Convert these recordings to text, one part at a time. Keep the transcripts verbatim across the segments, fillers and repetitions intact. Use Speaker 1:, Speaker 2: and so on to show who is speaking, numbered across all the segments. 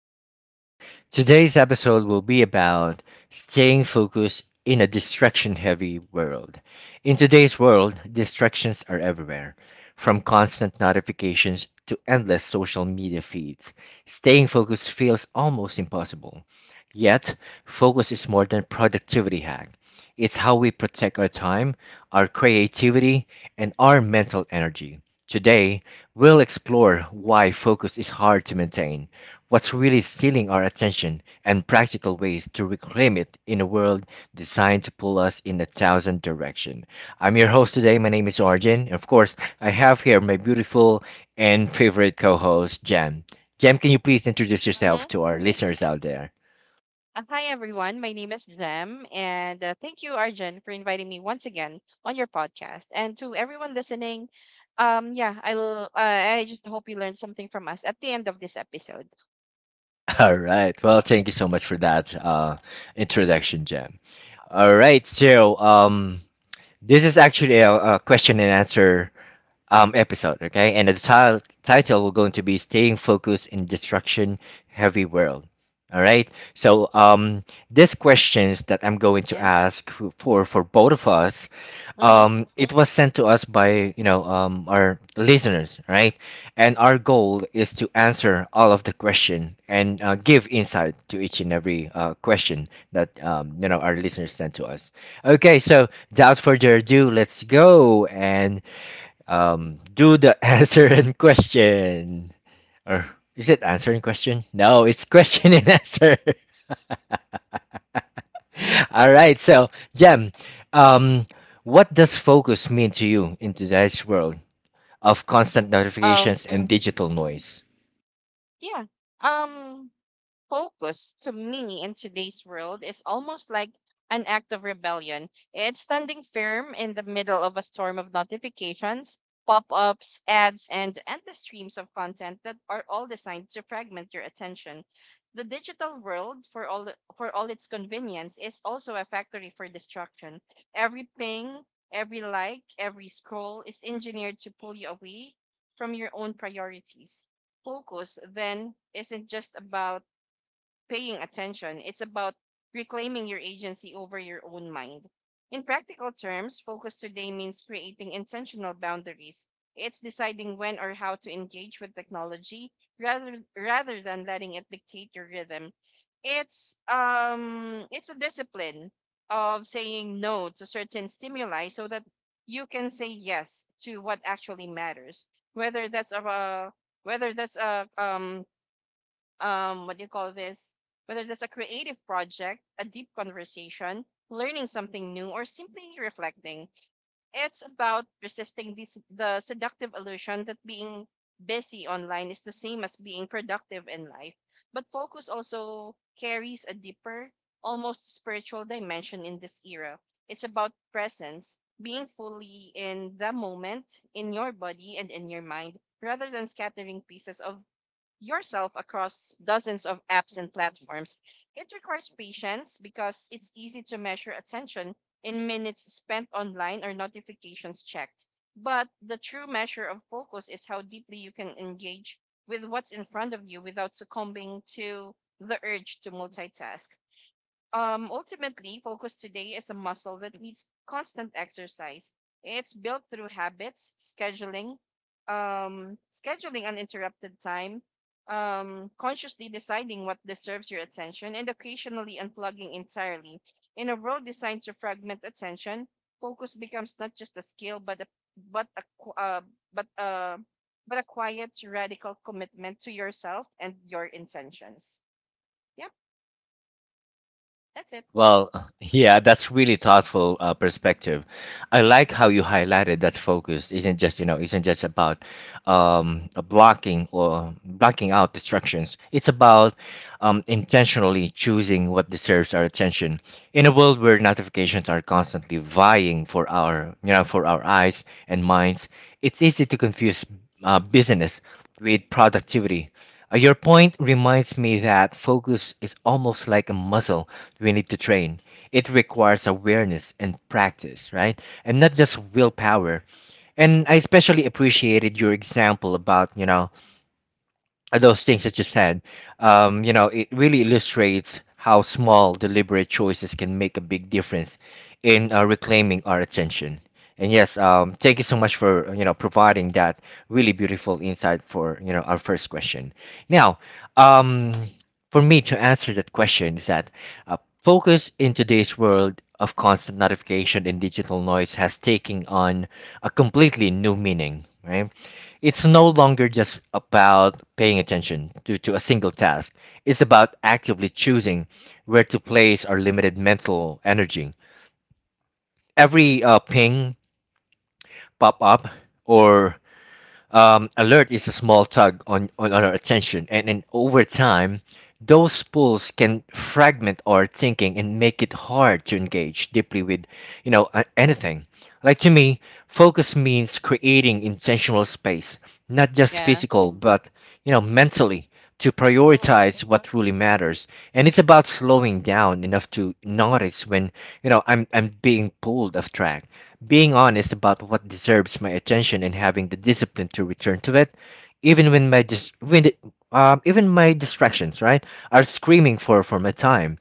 Speaker 1: podcast. Today's episode will be about staying focused in a distraction heavy world. In today's world, distractions are everywhere, from constant notifications to endless social media feeds. Staying focused feels almost impossible. Yet, focus is more than productivity hack. It's how we protect our time, our creativity, and our mental energy. Today, we'll explore why focus is hard to maintain, what's really stealing our attention, and practical ways to reclaim it in a world designed to pull us in a thousand directions. I'm your host today. My name is Arjun. And of course, I have here my beautiful and favorite co host, Jam. Jam, can you please introduce yourself
Speaker 2: Mhm.
Speaker 1: to our listeners out there?
Speaker 2: Uh, Hi, everyone. My name is Jem, and uh, thank you, Arjun, for inviting me once again on your podcast. And to everyone listening, um, yeah, I'll, uh, I just hope you learned something from us at the end of this episode.
Speaker 1: All right. Well, thank you so much for that uh, introduction, Jam. All right. So, um, This is actually a, a question and answer um, episode, okay? And the ti- title we're going to be Staying Focused in Destruction Heavy World. All right. So um, these questions that I'm going to
Speaker 2: Yeah.
Speaker 1: ask f- for for both of us,
Speaker 2: Mm-hmm.
Speaker 1: um, it was sent to us by you know um, our listeners, right? And our goal is to answer all of the question and uh, give insight to each and every uh, question that um, you know our listeners sent to us. Okay, so without further ado, let's go and um, do the answer and question. Or is it answer and question? No, it's question and answer. All right, so Jem, um, what does focus mean to you in today's world of constant
Speaker 2: Oh,
Speaker 1: notifications and digital noise?
Speaker 2: yeah. Um, Focus to me in today's world is almost like an act of rebellion. It's standing firm in the middle of a storm of notifications, pop ups, ads, and endless streams of content that are all designed to fragment your attention. The digital world, for all for all its convenience, is also a factory for destruction. Every ping, every like, every scroll is engineered to pull you away from your own priorities. Focus then isn't just about paying attention. It's about reclaiming your agency over your own mind. In practical terms, focus today means creating intentional boundaries. It's deciding when or how to engage with technology rather rather than letting it dictate your rhythm. It's um it's a discipline of saying no to certain stimuli so that you can say yes to what actually matters. Whether that's a uh, whether that's a um um what do you call this Whether that's a creative project, a deep conversation, learning something new, or simply reflecting, it's about resisting this the seductive illusion that being busy online is the same as being productive in life. But focus also carries a deeper, almost spiritual dimension in this era. It's about presence, being fully in the moment, in your body and in your mind, rather than scattering pieces of yourself across dozens of apps and platforms. It requires patience because it's easy to measure attention in minutes spent online or notifications checked. But the true measure of focus is how deeply you can engage with what's in front of you without succumbing to the urge to multitask. Um, ultimately, focus today is a muscle that needs constant exercise. It's built through habits, scheduling, um, scheduling uninterrupted time, um, consciously deciding what deserves your attention, and occasionally unplugging entirely. In a world designed to fragment attention, focus becomes not just a skill, but a but a qu- uh, but uh, but a quiet, radical commitment to yourself and your intentions. Yep, that's it.
Speaker 1: Well, yeah, that's really thoughtful uh, perspective. I like how you highlighted that focus isn't just, you know, isn't just about um, uh, blocking or blocking out distractions. It's about um, intentionally choosing what deserves our attention. In a world where notifications are constantly vying for our, you know, for our eyes and minds, it's easy to confuse uh, business with productivity. Uh, Your point reminds me that focus is almost like a muscle we need to train. It requires awareness and practice, right? And not just willpower. And I especially appreciated your example about, you know, uh, those things that you said, um, you know, it really illustrates how small, deliberate choices can make a big difference in uh, reclaiming our attention. And yes, um, thank you so much for you know providing that really beautiful insight for you know our first question. Now, um, for me to answer that question is that uh, focus in today's world of constant notification and digital noise has taken on a completely new meaning, right? It's no longer just about paying attention to, to a single task. It's about actively choosing where to place our limited mental energy. Every uh, ping, pop up, or um, alert is a small tug on, on our attention. And, and over time, those pulls can fragment our thinking and make it hard to engage deeply with, you know, a- anything. Like to me, focus means creating intentional space, not just
Speaker 2: Yeah.
Speaker 1: physical, but, you know, mentally to prioritize what truly matters. And it's about slowing down enough to notice when, you know, I'm I'm being pulled off track, being honest about what deserves my attention and having the discipline to return to it, even when my dis- when the- um, even my distractions, right, are screaming for for my time.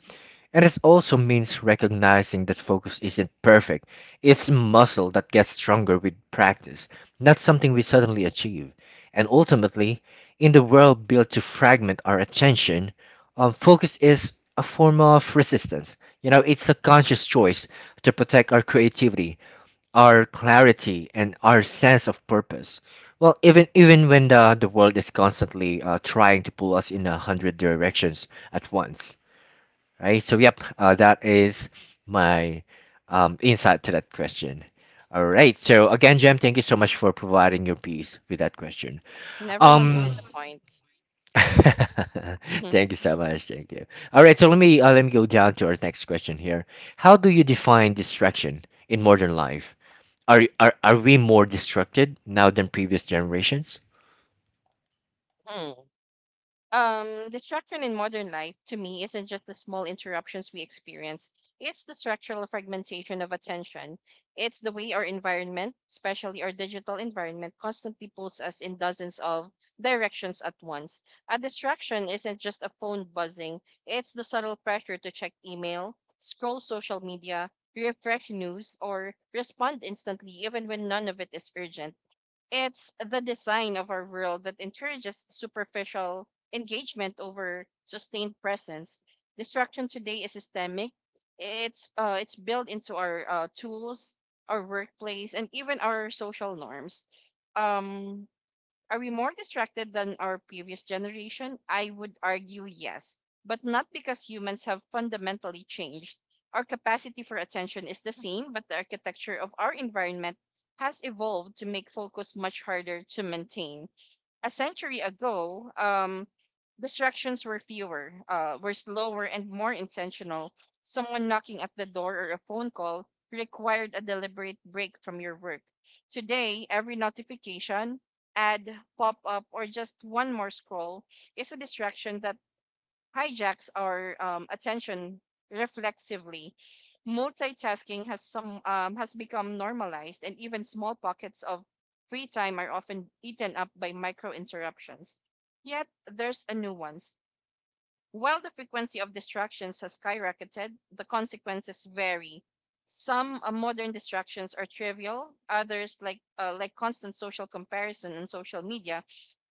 Speaker 1: And it also means recognizing that focus isn't perfect. It's muscle that gets stronger with practice, not something we suddenly achieve. And ultimately, in the world built to fragment our attention, um, focus is a form of resistance. You know, it's a conscious choice to protect our creativity, our clarity, and our sense of purpose. Well, even even when the, the world is constantly uh, trying to pull us in a hundred directions at once, right? So, yep, uh, that is my um, insight to that question. All right. So, again, Jem, thank you so much for providing your piece with that question.
Speaker 2: Never want to
Speaker 1: Um,
Speaker 2: disappoint. Mhm.
Speaker 1: Thank you so much. Thank you. All right. So, let me uh, let me go down to our next question here. How do you define distraction in modern life? Are, are, are we more distracted now than previous generations?
Speaker 2: Mm. Um, distraction in modern life to me isn't just the small interruptions we experience. It's the structural fragmentation of attention. It's the way our environment, especially our digital environment, constantly pulls us in dozens of directions at once. A distraction isn't just a phone buzzing, it's the subtle pressure to check email, scroll social media, refresh news, or respond instantly even when none of it is urgent. It's the design of our world that encourages superficial engagement over sustained presence. Distraction today is systemic. It's uh, it's built into our uh, tools, our workplace, and even our social norms. Um, are we more distracted than our previous generation? I would argue yes, but not because humans have fundamentally changed. Our capacity for attention is the same, but the architecture of our environment has evolved to make focus much harder to maintain. A century ago, um, distractions were fewer, uh, were slower, and more intentional. Someone knocking at the door or a phone call required a deliberate break from your work. Today, every notification, ad, pop up, or just one more scroll is a distraction that hijacks our um, attention reflexively. Multitasking has some um, has become normalized, and even small pockets of free time are often eaten up by micro interruptions. Yet there's a nuance. While the frequency of distractions has skyrocketed, the consequences vary. Some uh, modern distractions are trivial, others like uh, like constant social comparison on social media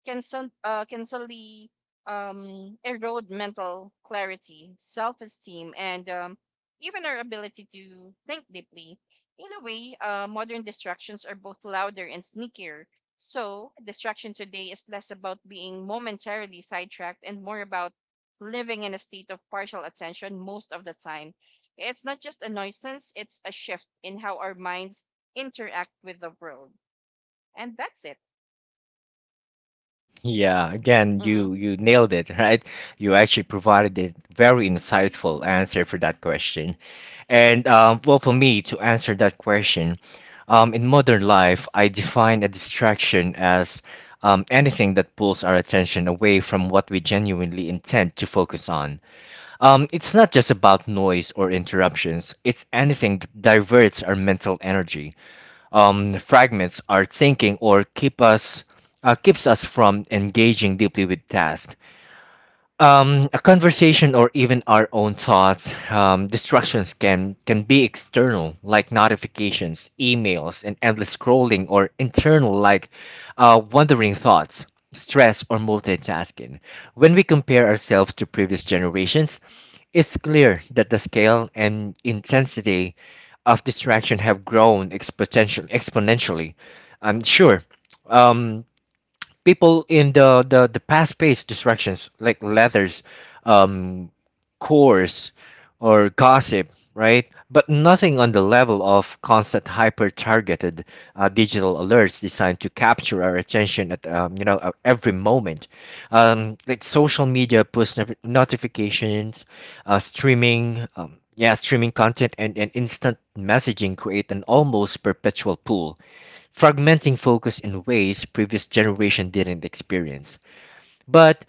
Speaker 2: can some uh, can slowly um, erode mental clarity, self-esteem, and um, even our ability to think deeply. In a way, uh, modern distractions are both louder and sneakier. So, distraction today is less about being momentarily sidetracked and more about living in a state of partial attention most of the time. It's not just a nuisance; it's a shift in how our minds interact with the world, and that's it.
Speaker 1: Yeah, again,
Speaker 2: Mhm.
Speaker 1: you you nailed it, right? You actually provided a very insightful answer for that question. And um, well, for me to answer that question, um, in modern life, I define a distraction as um, anything that pulls our attention away from what we genuinely intend to focus on. Um, it's not just about noise or interruptions. It's anything that diverts our mental energy, um, fragments our thinking, or keep us uh, keeps us from engaging deeply with tasks, um, a conversation, or even our own thoughts. Um, distractions can can be external, like notifications, emails, and endless scrolling, or internal, like uh, wandering thoughts, stress, or multitasking. When we compare ourselves to previous generations, it's clear that the scale and intensity of distraction have grown exponentially exponentially. I'm sure um, people in the the, the past paced distractions like letters, um chores, or gossip, right? But nothing on the level of constant hyper targeted uh, digital alerts designed to capture our attention at um, you know at every moment, um, like social media push not- notifications, uh, streaming um, yeah streaming content, and, and instant messaging create an almost perpetual pool, fragmenting focus in ways previous generation didn't experience. But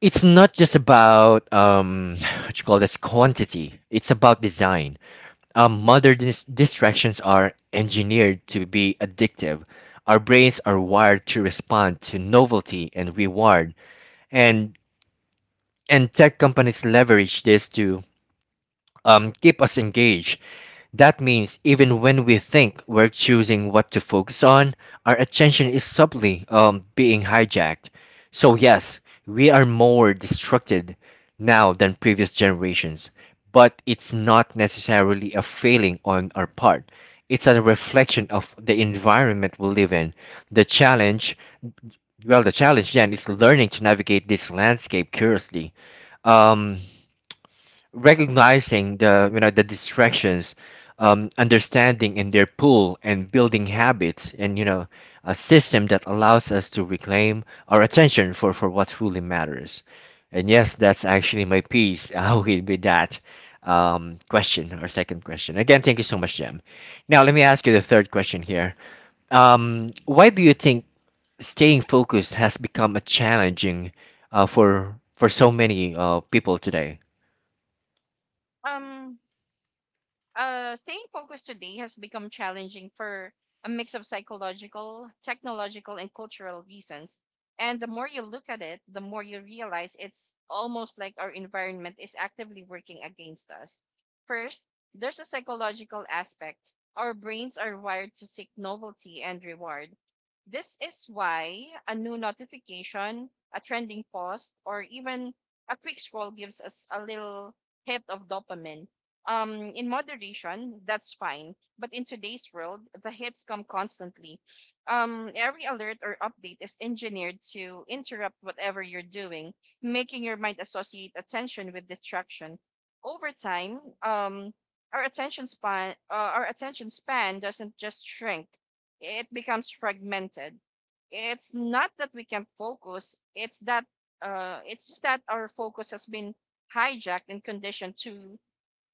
Speaker 1: it's not just about um, what you call this, quantity. It's about design. Um, modern dis- distractions are engineered to be addictive. Our brains are wired to respond to novelty and reward, and and tech companies leverage this to um, keep us engaged. That means even when we think we're choosing what to focus on, our attention is subtly um, being hijacked. So, yes, we are more distracted now than previous generations, but it's not necessarily a failing on our part. It's a reflection of the environment we live in. The challenge, well, the challenge then is learning to navigate this landscape curiously. Um, Recognizing the you know the distractions, um, understanding in their pool, and building habits and you know a system that allows us to reclaim our attention for for what truly matters. And yes, that's actually my piece. I will be that um, question, or second question. Again, thank you so much, Jem. Now let me ask you the third question here. Um, why do you think staying focused has become a challenging uh, for for so many uh, people today?
Speaker 2: Um, uh, Staying focused today has become challenging for a mix of psychological, technological, and cultural reasons. And the more you look at it, the more you realize it's almost like our environment is actively working against us. First, there's a psychological aspect. Our brains are wired to seek novelty and reward. This is why a new notification, a trending post, or even a quick scroll gives us a little hit of dopamine. Um, in moderation, that's fine. But in today's world, the hits come constantly. Um, every alert or update is engineered to interrupt whatever you're doing, making your mind associate attention with distraction. Over time, um, our attention span, uh, our attention span doesn't just shrink; it becomes fragmented. It's not that we can't focus; it's that uh, it's just that our focus has been hijacked and conditioned to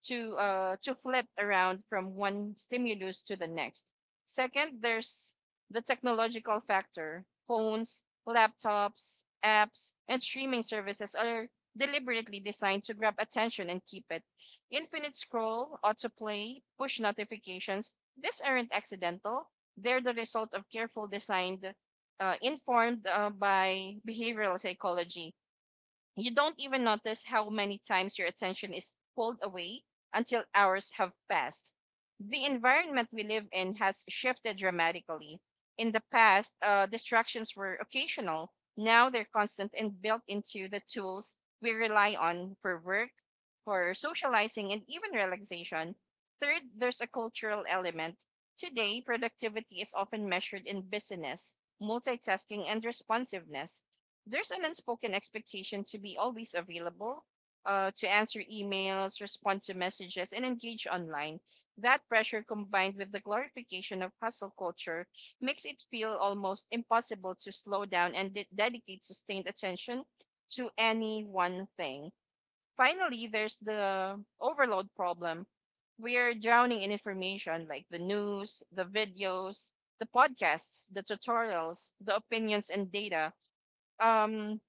Speaker 2: to uh, to flit around from one stimulus to the next. Second, there's the technological factor. Phones, laptops, apps, and streaming services are deliberately designed to grab attention and keep it. Infinite scroll, autoplay, push notifications, these aren't accidental. They're the result of careful designed, uh, informed uh, by behavioral psychology. You don't even notice how many times your attention is pulled away until hours have passed. The environment we live in has shifted dramatically. In the past, uh, distractions were occasional. Now they're constant and built into the tools we rely on for work, for socializing, and even relaxation. Third, there's a cultural element. Today, productivity is often measured in busyness, multitasking, and responsiveness. There's an unspoken expectation to be always available, uh, to answer emails, respond to messages, and engage online. That pressure combined with the glorification of hustle culture makes it feel almost impossible to slow down and de- dedicate sustained attention to any one thing. Finally, there's the overload problem. We're drowning in information like the news, the videos, the podcasts, the tutorials, the opinions and data. Um,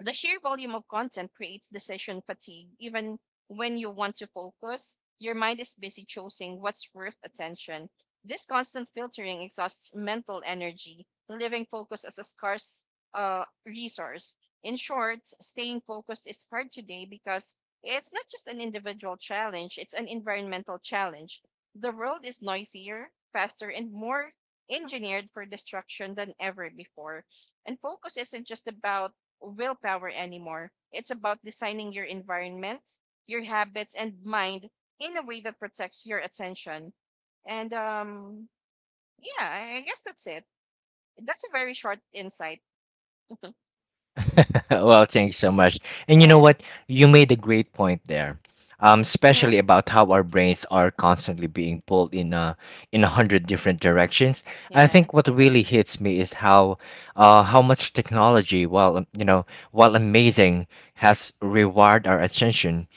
Speaker 2: the sheer volume of content creates decision fatigue. Even when you want to focus, your mind is busy choosing what's worth attention. This constant filtering exhausts mental energy, leaving focus as a scarce uh, resource. In short, staying focused is hard today because it's not just an individual challenge, it's an environmental challenge. The world is noisier, faster, and more engineered for destruction than ever before. And focus isn't just about willpower anymore. It's about designing your environment, your habits, and mind in a way that protects your attention. And um, yeah, I I guess that's it. That's a very short insight.
Speaker 1: Well, thanks so much. And you know
Speaker 2: Yeah.
Speaker 1: what? You made a great point there, um,
Speaker 2: Mm-hmm.
Speaker 1: especially about how our brains are constantly being pulled in uh, in a hundred different directions. I
Speaker 2: Yeah.
Speaker 1: think what really hits me is how uh, how much technology, while um, you know, while amazing, has rewired our attention.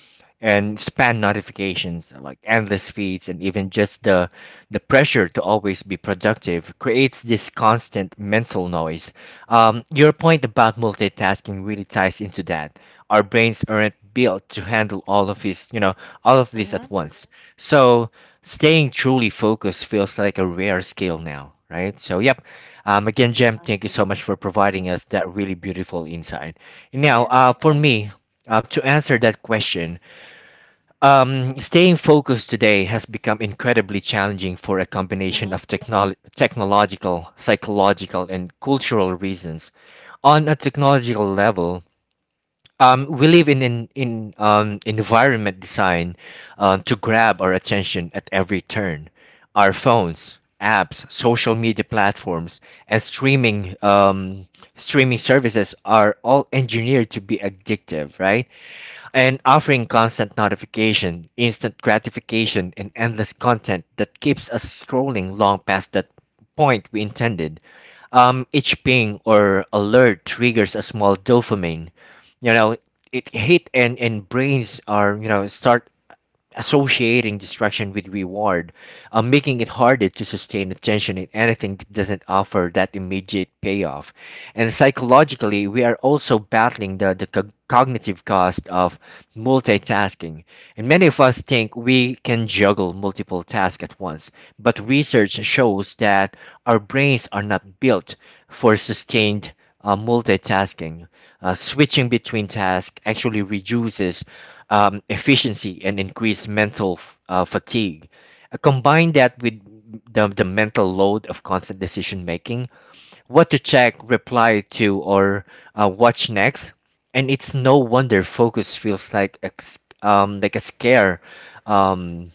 Speaker 1: And spam notifications, like endless feeds, and even just the the pressure to always be productive creates this constant mental noise. Um, your point about multitasking really ties into that. Our brains aren't built to handle all of this, you know, all of this
Speaker 2: Mm-hmm.
Speaker 1: at once. So staying truly focused feels like a rare skill now, right? So yep. Um, again, Jem,
Speaker 2: Mm-hmm.
Speaker 1: thank you so much for providing us that really beautiful insight. Now,
Speaker 2: Yeah.
Speaker 1: uh, for me, uh, to answer that question, um, staying focused today has become incredibly challenging for a combination
Speaker 2: Mm-hmm.
Speaker 1: of technol technological, psychological, and cultural reasons. On a technological level, um, we live in an in, um, environment designed um, to grab our attention at every turn. Our phones, apps, social media platforms, and streaming um, streaming services are all engineered to be addictive, right? And offering constant notification, instant gratification, and endless content that keeps us scrolling long past that point we intended. Um, each ping or alert triggers a small dopamine. You know, it hit, and and brains are you know start associating distraction with reward, uh, making it harder to sustain attention in anything that doesn't offer that immediate payoff. And psychologically, we are also battling the, the co- cognitive cost of multitasking. And many of us think we can juggle multiple tasks at once, but research shows that our brains are not built for sustained uh, multitasking. Uh, switching between tasks actually reduces um, efficiency and increased mental f- uh, fatigue. Uh, combine that with the, the mental load of constant decision making, what to check, reply to, or uh, watch next. And it's no wonder focus feels like a, s- um, like a scare, um,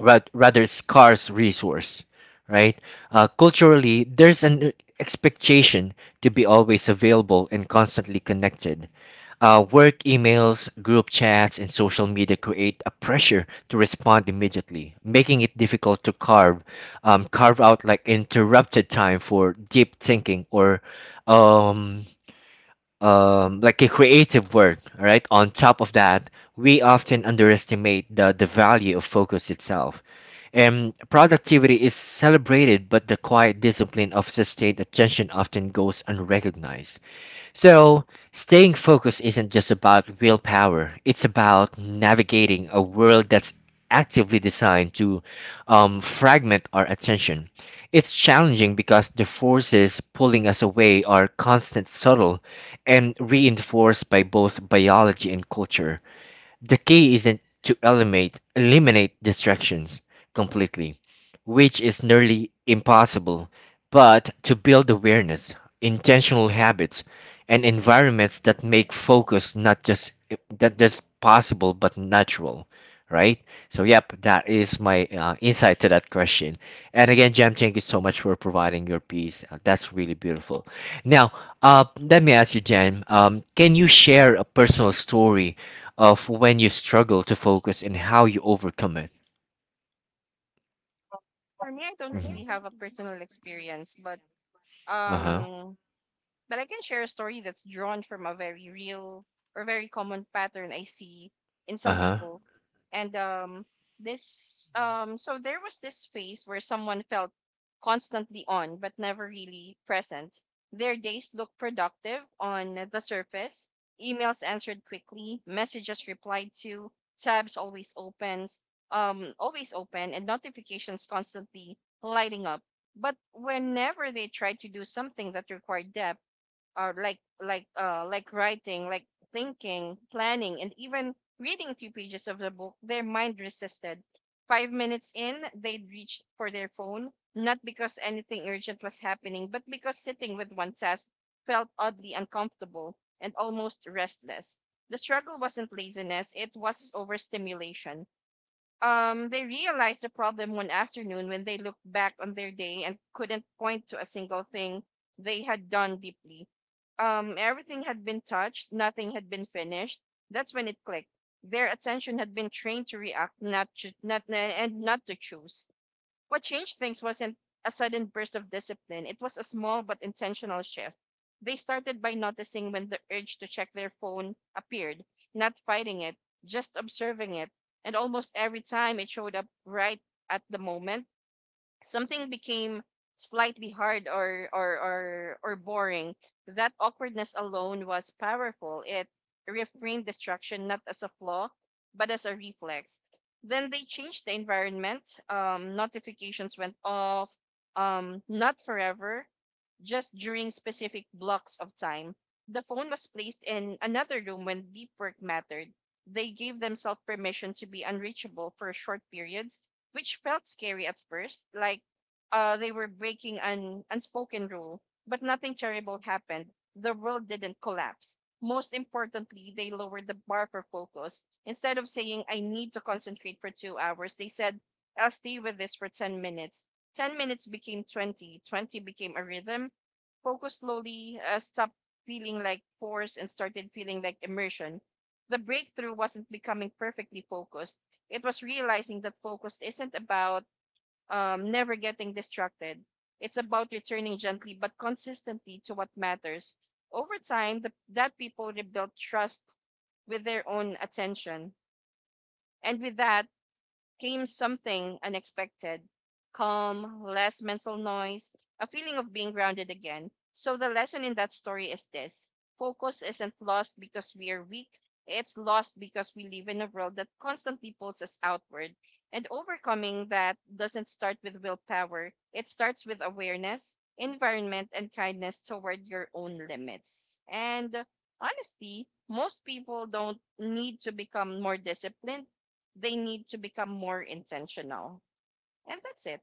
Speaker 1: ra- rather scarce resource, right? Uh, culturally, there's an expectation to be always available and constantly connected. Uh, work emails, group chats, and social media create a pressure to respond immediately, making it difficult to carve um, carve out like interrupted time for deep thinking or um, um, like a creative work. All right. On top of that, we often underestimate the, the value of focus itself. And productivity is celebrated, but the quiet discipline of sustained attention often goes unrecognized. So, staying focused isn't just about willpower, it's about navigating a world that's actively designed to um, fragment our attention. It's challenging because the forces pulling us away are constant, subtle, and reinforced by both biology and culture. The key isn't to eliminate eliminate distractions completely, which is nearly impossible, but to build awareness, intentional habits, and environments that make focus not just that just possible but natural, right? So yep, that is my uh, insight to that question. And again, Jam, thank you so much for providing your piece. Uh, That's really beautiful. Now, uh, let me ask you, Jam, um, can you share a personal story of when you struggle to focus and how you overcome it?
Speaker 2: For me, I don't
Speaker 1: Mhm.
Speaker 2: really have a personal experience, but
Speaker 1: Uh huh.
Speaker 2: um, but I can share a story that's drawn from a very real or very common pattern I see in
Speaker 1: Uh
Speaker 2: some
Speaker 1: huh.
Speaker 2: people. And um, this, um, so there was this phase where someone felt constantly on but never really present. Their days looked productive on the surface, emails answered quickly, messages replied to, tabs always opens, um, always open, and notifications constantly lighting up. But whenever they tried to do something that required depth, or like like uh like writing, like thinking, planning, and even reading a few pages of the book, their mind resisted. Five minutes in, they'd reached for their phone, not because anything urgent was happening, but because sitting with one task felt oddly uncomfortable and almost restless. The struggle wasn't laziness, it was overstimulation. Um, they realized the problem one afternoon when they looked back on their day and couldn't point to a single thing they had done deeply. Um, everything had been touched, nothing had been finished. That's when it clicked. Their attention had been trained to react, not to, not and not to choose. What changed things wasn't a sudden burst of discipline, it was a small but intentional shift. They started by noticing when the urge to check their phone appeared, not fighting it, just observing it. And almost every time it showed up right at the moment, something became slightly hard or or or or boring, that awkwardness alone was powerful. It reframed destruction not as a flaw, but as a reflex. Then they changed the environment. Um, notifications went off. Um, not forever, just during specific blocks of time. The phone was placed in another room when deep work mattered. They gave themselves permission to be unreachable for short periods, which felt scary at first, like uh, they were breaking an unspoken rule. But nothing terrible happened. The world didn't collapse. Most importantly, they lowered the bar for focus. Instead of saying, I need to concentrate for two hours, they said, I'll stay with this for ten minutes. ten minutes became twenty. twenty became a rhythm. Focus slowly uh, stopped feeling like force and started feeling like immersion. The breakthrough wasn't becoming perfectly focused. It was realizing that focus isn't about um, never getting distracted. It's about returning gently but consistently to what matters. Over time, the, that people rebuilt trust with their own attention. And with that came something unexpected: calm, less mental noise, a feeling of being grounded again. So the lesson in that story is this: focus isn't lost because we are weak, it's lost because we live in a world that constantly pulls us outward. And overcoming that doesn't start with willpower, it starts with awareness, environment, and kindness toward your own limits. And uh, Honestly, most people don't need to become more disciplined. They need to become more intentional. And that's it.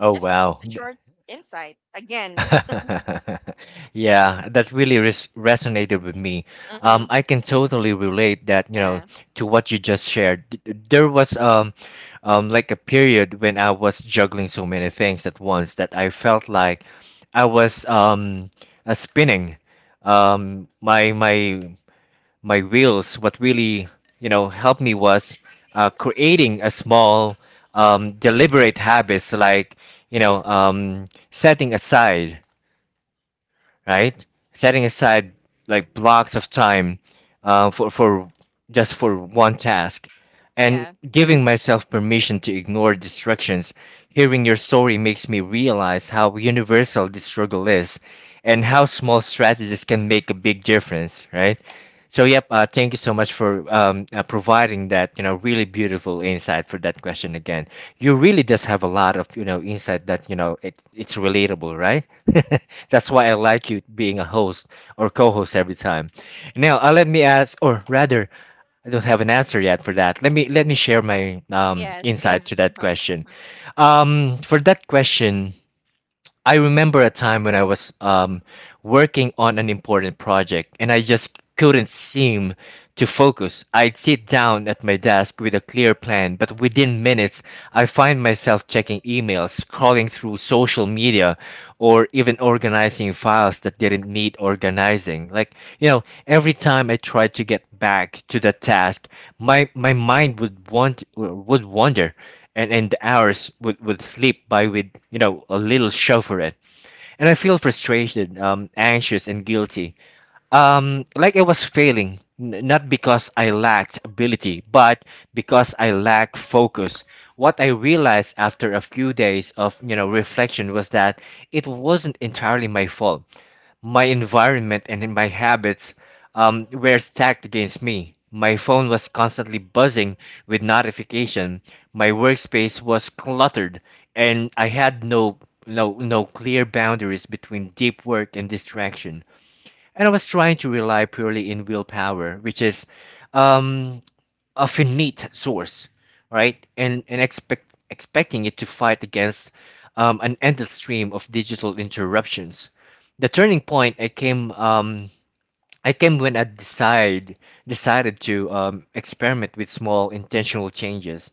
Speaker 1: Oh,
Speaker 2: Just
Speaker 1: wow.
Speaker 2: a
Speaker 1: Th-
Speaker 2: short insight. Again.
Speaker 1: yeah, that really res- resonated with me.
Speaker 2: Mm-hmm.
Speaker 1: Um, I can totally relate that, you know,
Speaker 2: Yeah.
Speaker 1: to what you just shared. Th- th- There was um, um, like a period when I was juggling so many things at once that I felt like I was um, uh, spinning. Um, my my my wills, what really you know helped me was uh, creating a small um, deliberate habits like you know um, setting aside, right? Setting aside like blocks of time uh, for for just for one task,
Speaker 2: Yeah.
Speaker 1: and giving myself permission to ignore distractions. Hearing your story makes me realize how universal this struggle is, and how small strategies can make a big difference, right? So yep, uh, thank you so much for um, uh, providing that you know really beautiful insight for that question again. You really does have a lot of you know insight that you know it, it's relatable, right? That's why I like you being a host or co-host every time. Now, uh, let me ask, or rather, I don't have an answer yet for that. Let me let me share my um,
Speaker 2: Yes.
Speaker 1: insight to that
Speaker 2: Uh-huh.
Speaker 1: question. Um, for that question, I remember a time when I was um, working on an important project and I just couldn't seem to focus. I'd sit down at my desk with a clear plan, but within minutes, I find myself checking emails, scrolling through social media, or even organizing files that didn't need organizing. Like, you know, every time I tried to get back to the task, my, my mind would want would wander, and and the hours would would slip by with you know a little show for it, and I feel frustrated, um anxious, and guilty, um like I was failing, n- not because I lacked ability but because I lacked focus. What I realized after a few days of you know reflection was that it wasn't entirely my fault. My environment and my habits um, were stacked against me. My phone was constantly buzzing with notification. My workspace was cluttered, and I had no no no clear boundaries between deep work and distraction. And I was trying to rely purely in willpower, which is um, a finite source, right? And and expect expecting it to fight against um, an endless stream of digital interruptions. The turning point I came um, I came when I decide decided to um, experiment with small intentional changes.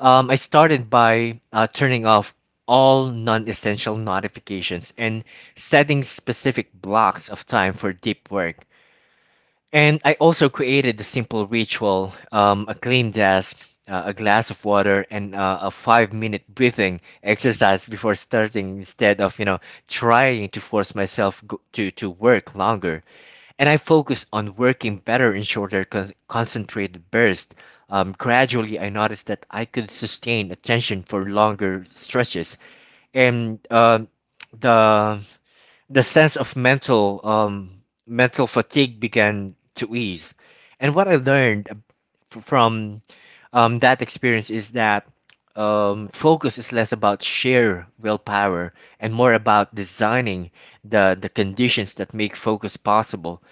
Speaker 1: Um, I started by uh, turning off all non-essential notifications and setting specific blocks of time for deep work. And I also created a simple ritual, um, a clean desk, uh, a glass of water, and uh, a five minute breathing exercise before starting. Instead of, you know, trying to force myself go- to, to work longer, And I focus on working better in shorter con- concentrated bursts. Um, gradually, I noticed that I could sustain attention for longer stretches. And um the the sense of mental um, mental fatigue began to ease, and what I learned f- from um, that experience is that um, focus is less about sheer willpower and more about designing the the conditions that make focus possible,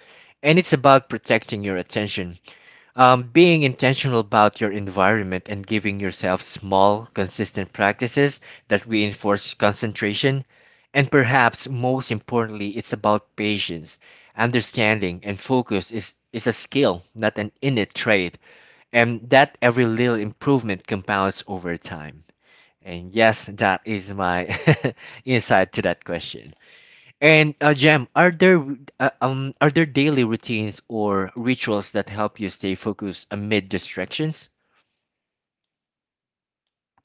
Speaker 1: and it's about protecting your attention, um, being intentional about your environment and giving yourself small, consistent practices that reinforce concentration. And perhaps most importantly, it's about patience. Understanding and focus is, is a skill, not an innate trait, and that every little improvement compounds over time. And yes, that is my insight to that question. And uh, Jem, are there uh, um are there daily routines or rituals that help you stay focused amid distractions?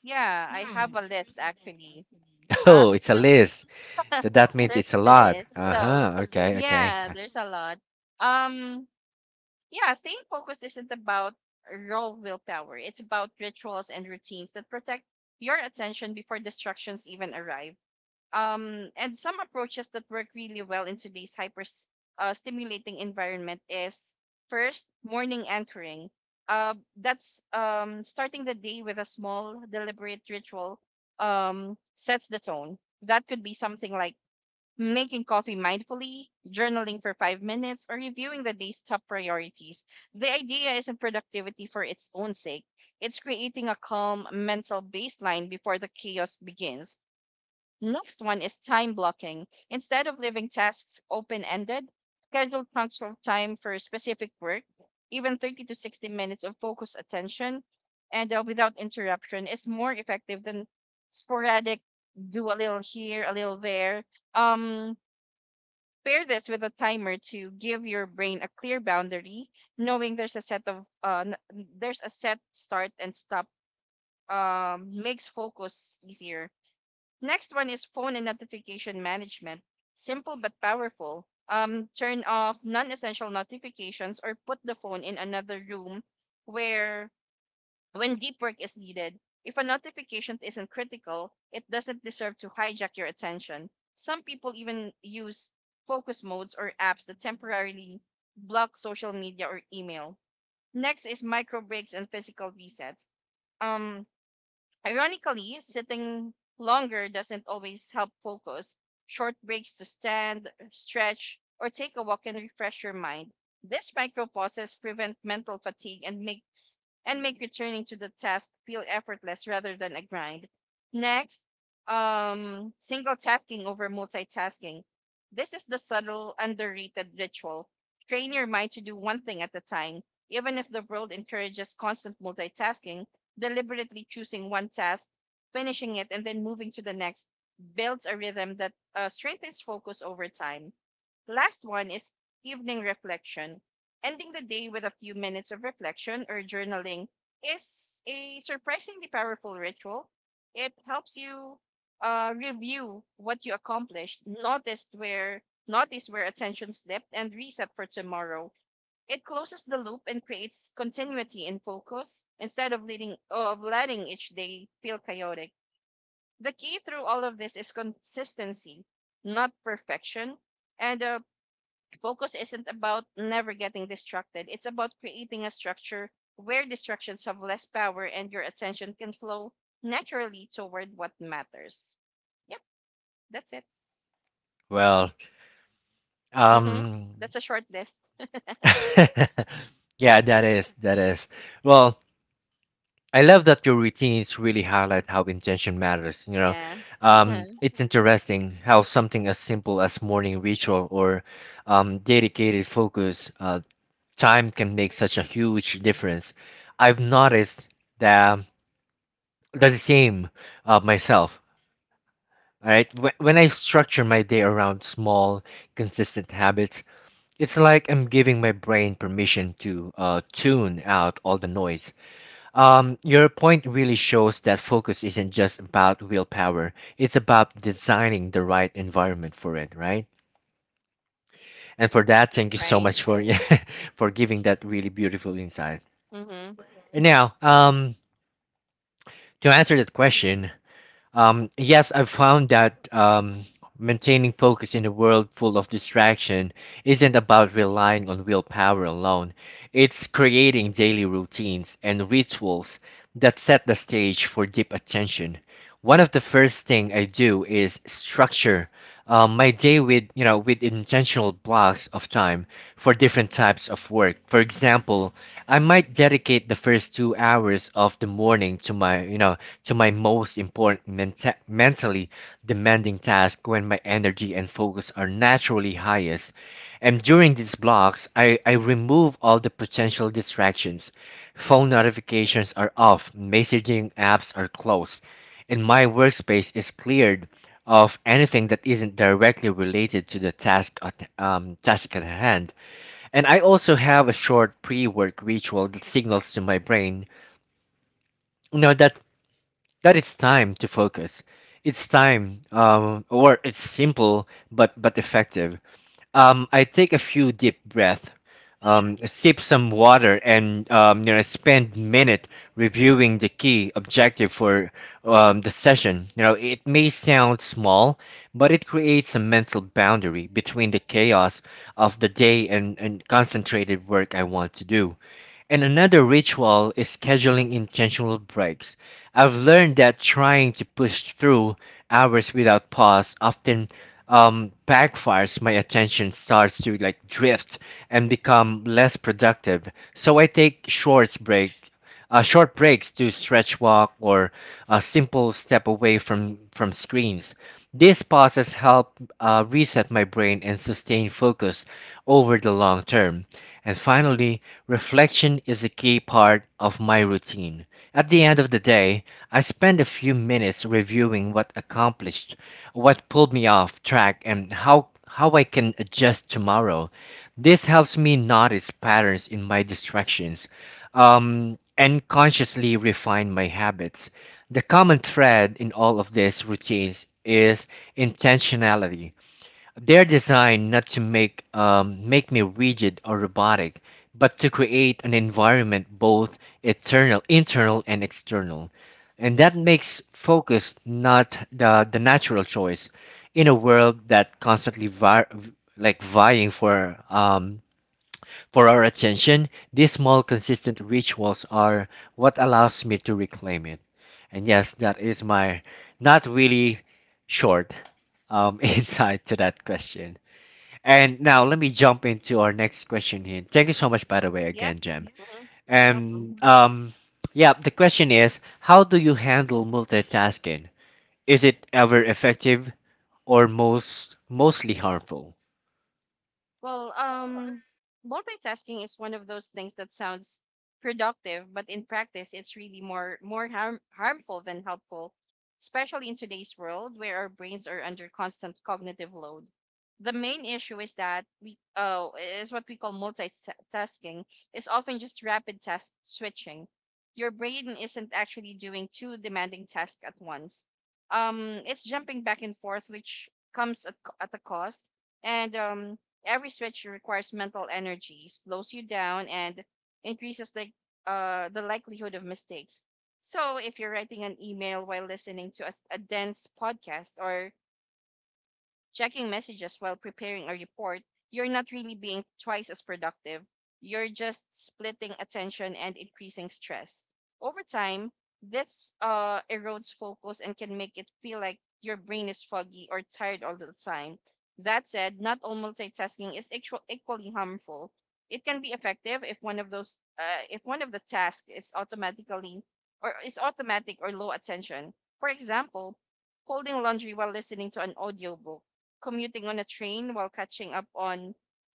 Speaker 2: Yeah. I have a list actually. Uh,
Speaker 1: Oh, it's a list. So that means it's
Speaker 2: there's
Speaker 1: a
Speaker 2: a
Speaker 1: lot.
Speaker 2: list. So
Speaker 1: Uh-huh. Okay, okay.
Speaker 2: yeah,
Speaker 1: Uh,
Speaker 2: there's a lot. Um, yeah, staying focused isn't about raw willpower. It's about rituals and routines that protect your attention before distractions even arrive. um, and some approaches that work really well in today's hyper s- uh, stimulating environment is first morning anchoring. Uh, that's um, starting the day with a small deliberate ritual um, sets the tone. That could be something like making coffee mindfully, journaling for five minutes, or reviewing the day's top priorities. The idea isn't productivity for its own sake. It's creating a calm mental baseline before the chaos begins. Next one is time blocking. Instead of leaving tasks open ended, schedule chunks of time for specific work, even thirty to sixty minutes of focused attention and uh, without interruption is more effective than sporadic do a little here, a little there. Um, Pair this with a timer to give your brain a clear boundary, knowing there's a set of uh, n- there's a set start and stop um, makes focus easier. Next one is phone and notification management. Simple but powerful. Um, turn off non-essential notifications or put the phone in another room where when deep work is needed. If a notification isn't critical, it doesn't deserve to hijack your attention. Some people even use focus modes or apps that temporarily block social media or email. Next is micro breaks and physical resets. Um, Ironically, sitting longer doesn't always help focus. Short breaks to stand, stretch, or take a walk can refresh your mind. These micro pauses prevent mental fatigue and makes and make returning to the task feel effortless rather than a grind. Next, um, single tasking over multitasking. This is the subtle, underrated ritual. Train your mind to do one thing at a time. Even if the world encourages constant multitasking, deliberately choosing one task, finishing it, and then moving to the next builds a rhythm that uh, strengthens focus over time. Last one is evening reflection. Ending the day with a few minutes of reflection or journaling is a surprisingly powerful ritual. It helps you uh, review what you accomplished, notice where notice where attention slipped, and reset for tomorrow. It closes the loop and creates continuity in focus instead of leading of letting each day feel chaotic. The key through all of this is consistency, not perfection. And uh, Focus isn't about never getting distracted. It's about creating a structure where distractions have less power and your attention can flow naturally toward what matters. Yep, that's it.
Speaker 1: well,
Speaker 2: Hmm.
Speaker 1: um
Speaker 2: That's a short list.
Speaker 1: yeah, that is that is. Well, I love that your routines really highlight how intention matters, you know.
Speaker 2: Yeah.
Speaker 1: Um it's interesting how something as simple as morning ritual or um dedicated focus uh, time can make such a huge difference. I've noticed that that the same uh, myself. All right, when, when I structure my day around small, consistent habits, it's like I'm giving my brain permission to uh, tune out all the noise. Um, your point really shows that focus isn't just about willpower; it's about designing the right environment for it, right? And for that, thank you so
Speaker 2: Right.
Speaker 1: much for yeah, for giving that really beautiful insight.
Speaker 2: Hmm.
Speaker 1: And now, um, to answer that question, um, yes, I've found that um, maintaining focus in a world full of distraction isn't about relying on willpower alone. It's creating daily routines and rituals that set the stage for deep attention. One of the first thing I do is structure um, my day with you know with intentional blocks of time for different types of work. For example, I might dedicate the first two hours of the morning to my you know to my most important menta- mentally demanding task when my energy and focus are naturally highest. And during these blocks, I, I remove all the potential distractions. Phone notifications are off, messaging apps are closed, and my workspace is cleared of anything that isn't directly related to the task at, um, task at hand. And I also have a short pre work ritual that signals to my brain you know that that it's time to focus. It's time, um, or it's simple but but effective. Um, I take a few deep breath, um, sip some water, and um, you know spend minute reviewing the key objective for um, the session. You know, it may sound small, but it creates a mental boundary between the chaos of the day and and concentrated work I want to do. And another ritual is scheduling intentional breaks. I've learned that trying to push through hours without pause often um, backfires. My attention starts to like drift and become less productive. So I take short break, uh, short breaks to stretch, walk, or a simple step away from from screens. These pauses help uh, reset my brain and sustain focus over the long term. And finally, reflection is a key part of my routine. At the end of the day, I spend a few minutes reviewing what accomplished, what pulled me off track, and how, how I can adjust tomorrow. This helps me notice patterns in my distractions um, and consciously refine my habits. The common thread in all of these routines is intentionality. They're designed not to make um, make me rigid or robotic, but to create an environment both eternal, internal and external. And that makes focus not the, the natural choice in a world that constantly vi- like vying for um, for our attention. These small consistent rituals are what allows me to reclaim it. And yes, that is my not really short um, insight to that question. And now let me jump into our next question here. Thank you so much, by the way, again,
Speaker 2: Yes.
Speaker 1: Jem.
Speaker 2: Hmm. Welcome.
Speaker 1: And um, yeah, the question is, how do you handle multitasking? Is it ever effective or most mostly harmful?
Speaker 2: Well, um, multitasking is one of those things that sounds productive, but in practice, it's really more more harm, harmful than helpful, especially in today's world where our brains are under constant cognitive load. The main issue is that we uh, is what we call multitasking is often just rapid task switching. Your brain isn't actually doing two demanding tasks at once. Um, it's jumping back and forth, which comes at, co- at a cost, and um, every stretch requires mental energy, slows you down, and increases the uh, the likelihood of mistakes. So, if you're writing an email while listening to a, s- a dense podcast, or checking messages while preparing a report, you're not really being twice as productive. You're just splitting attention and increasing stress. Over time, this uh, erodes focus and can make it feel like your brain is foggy or tired all the time. That said, not all multitasking is equal- equally harmful. It can be effective if one of those uh, if one of the tasks is automatically or is automatic or low attention. For example, folding laundry while listening to an audiobook, commuting on a train while catching up on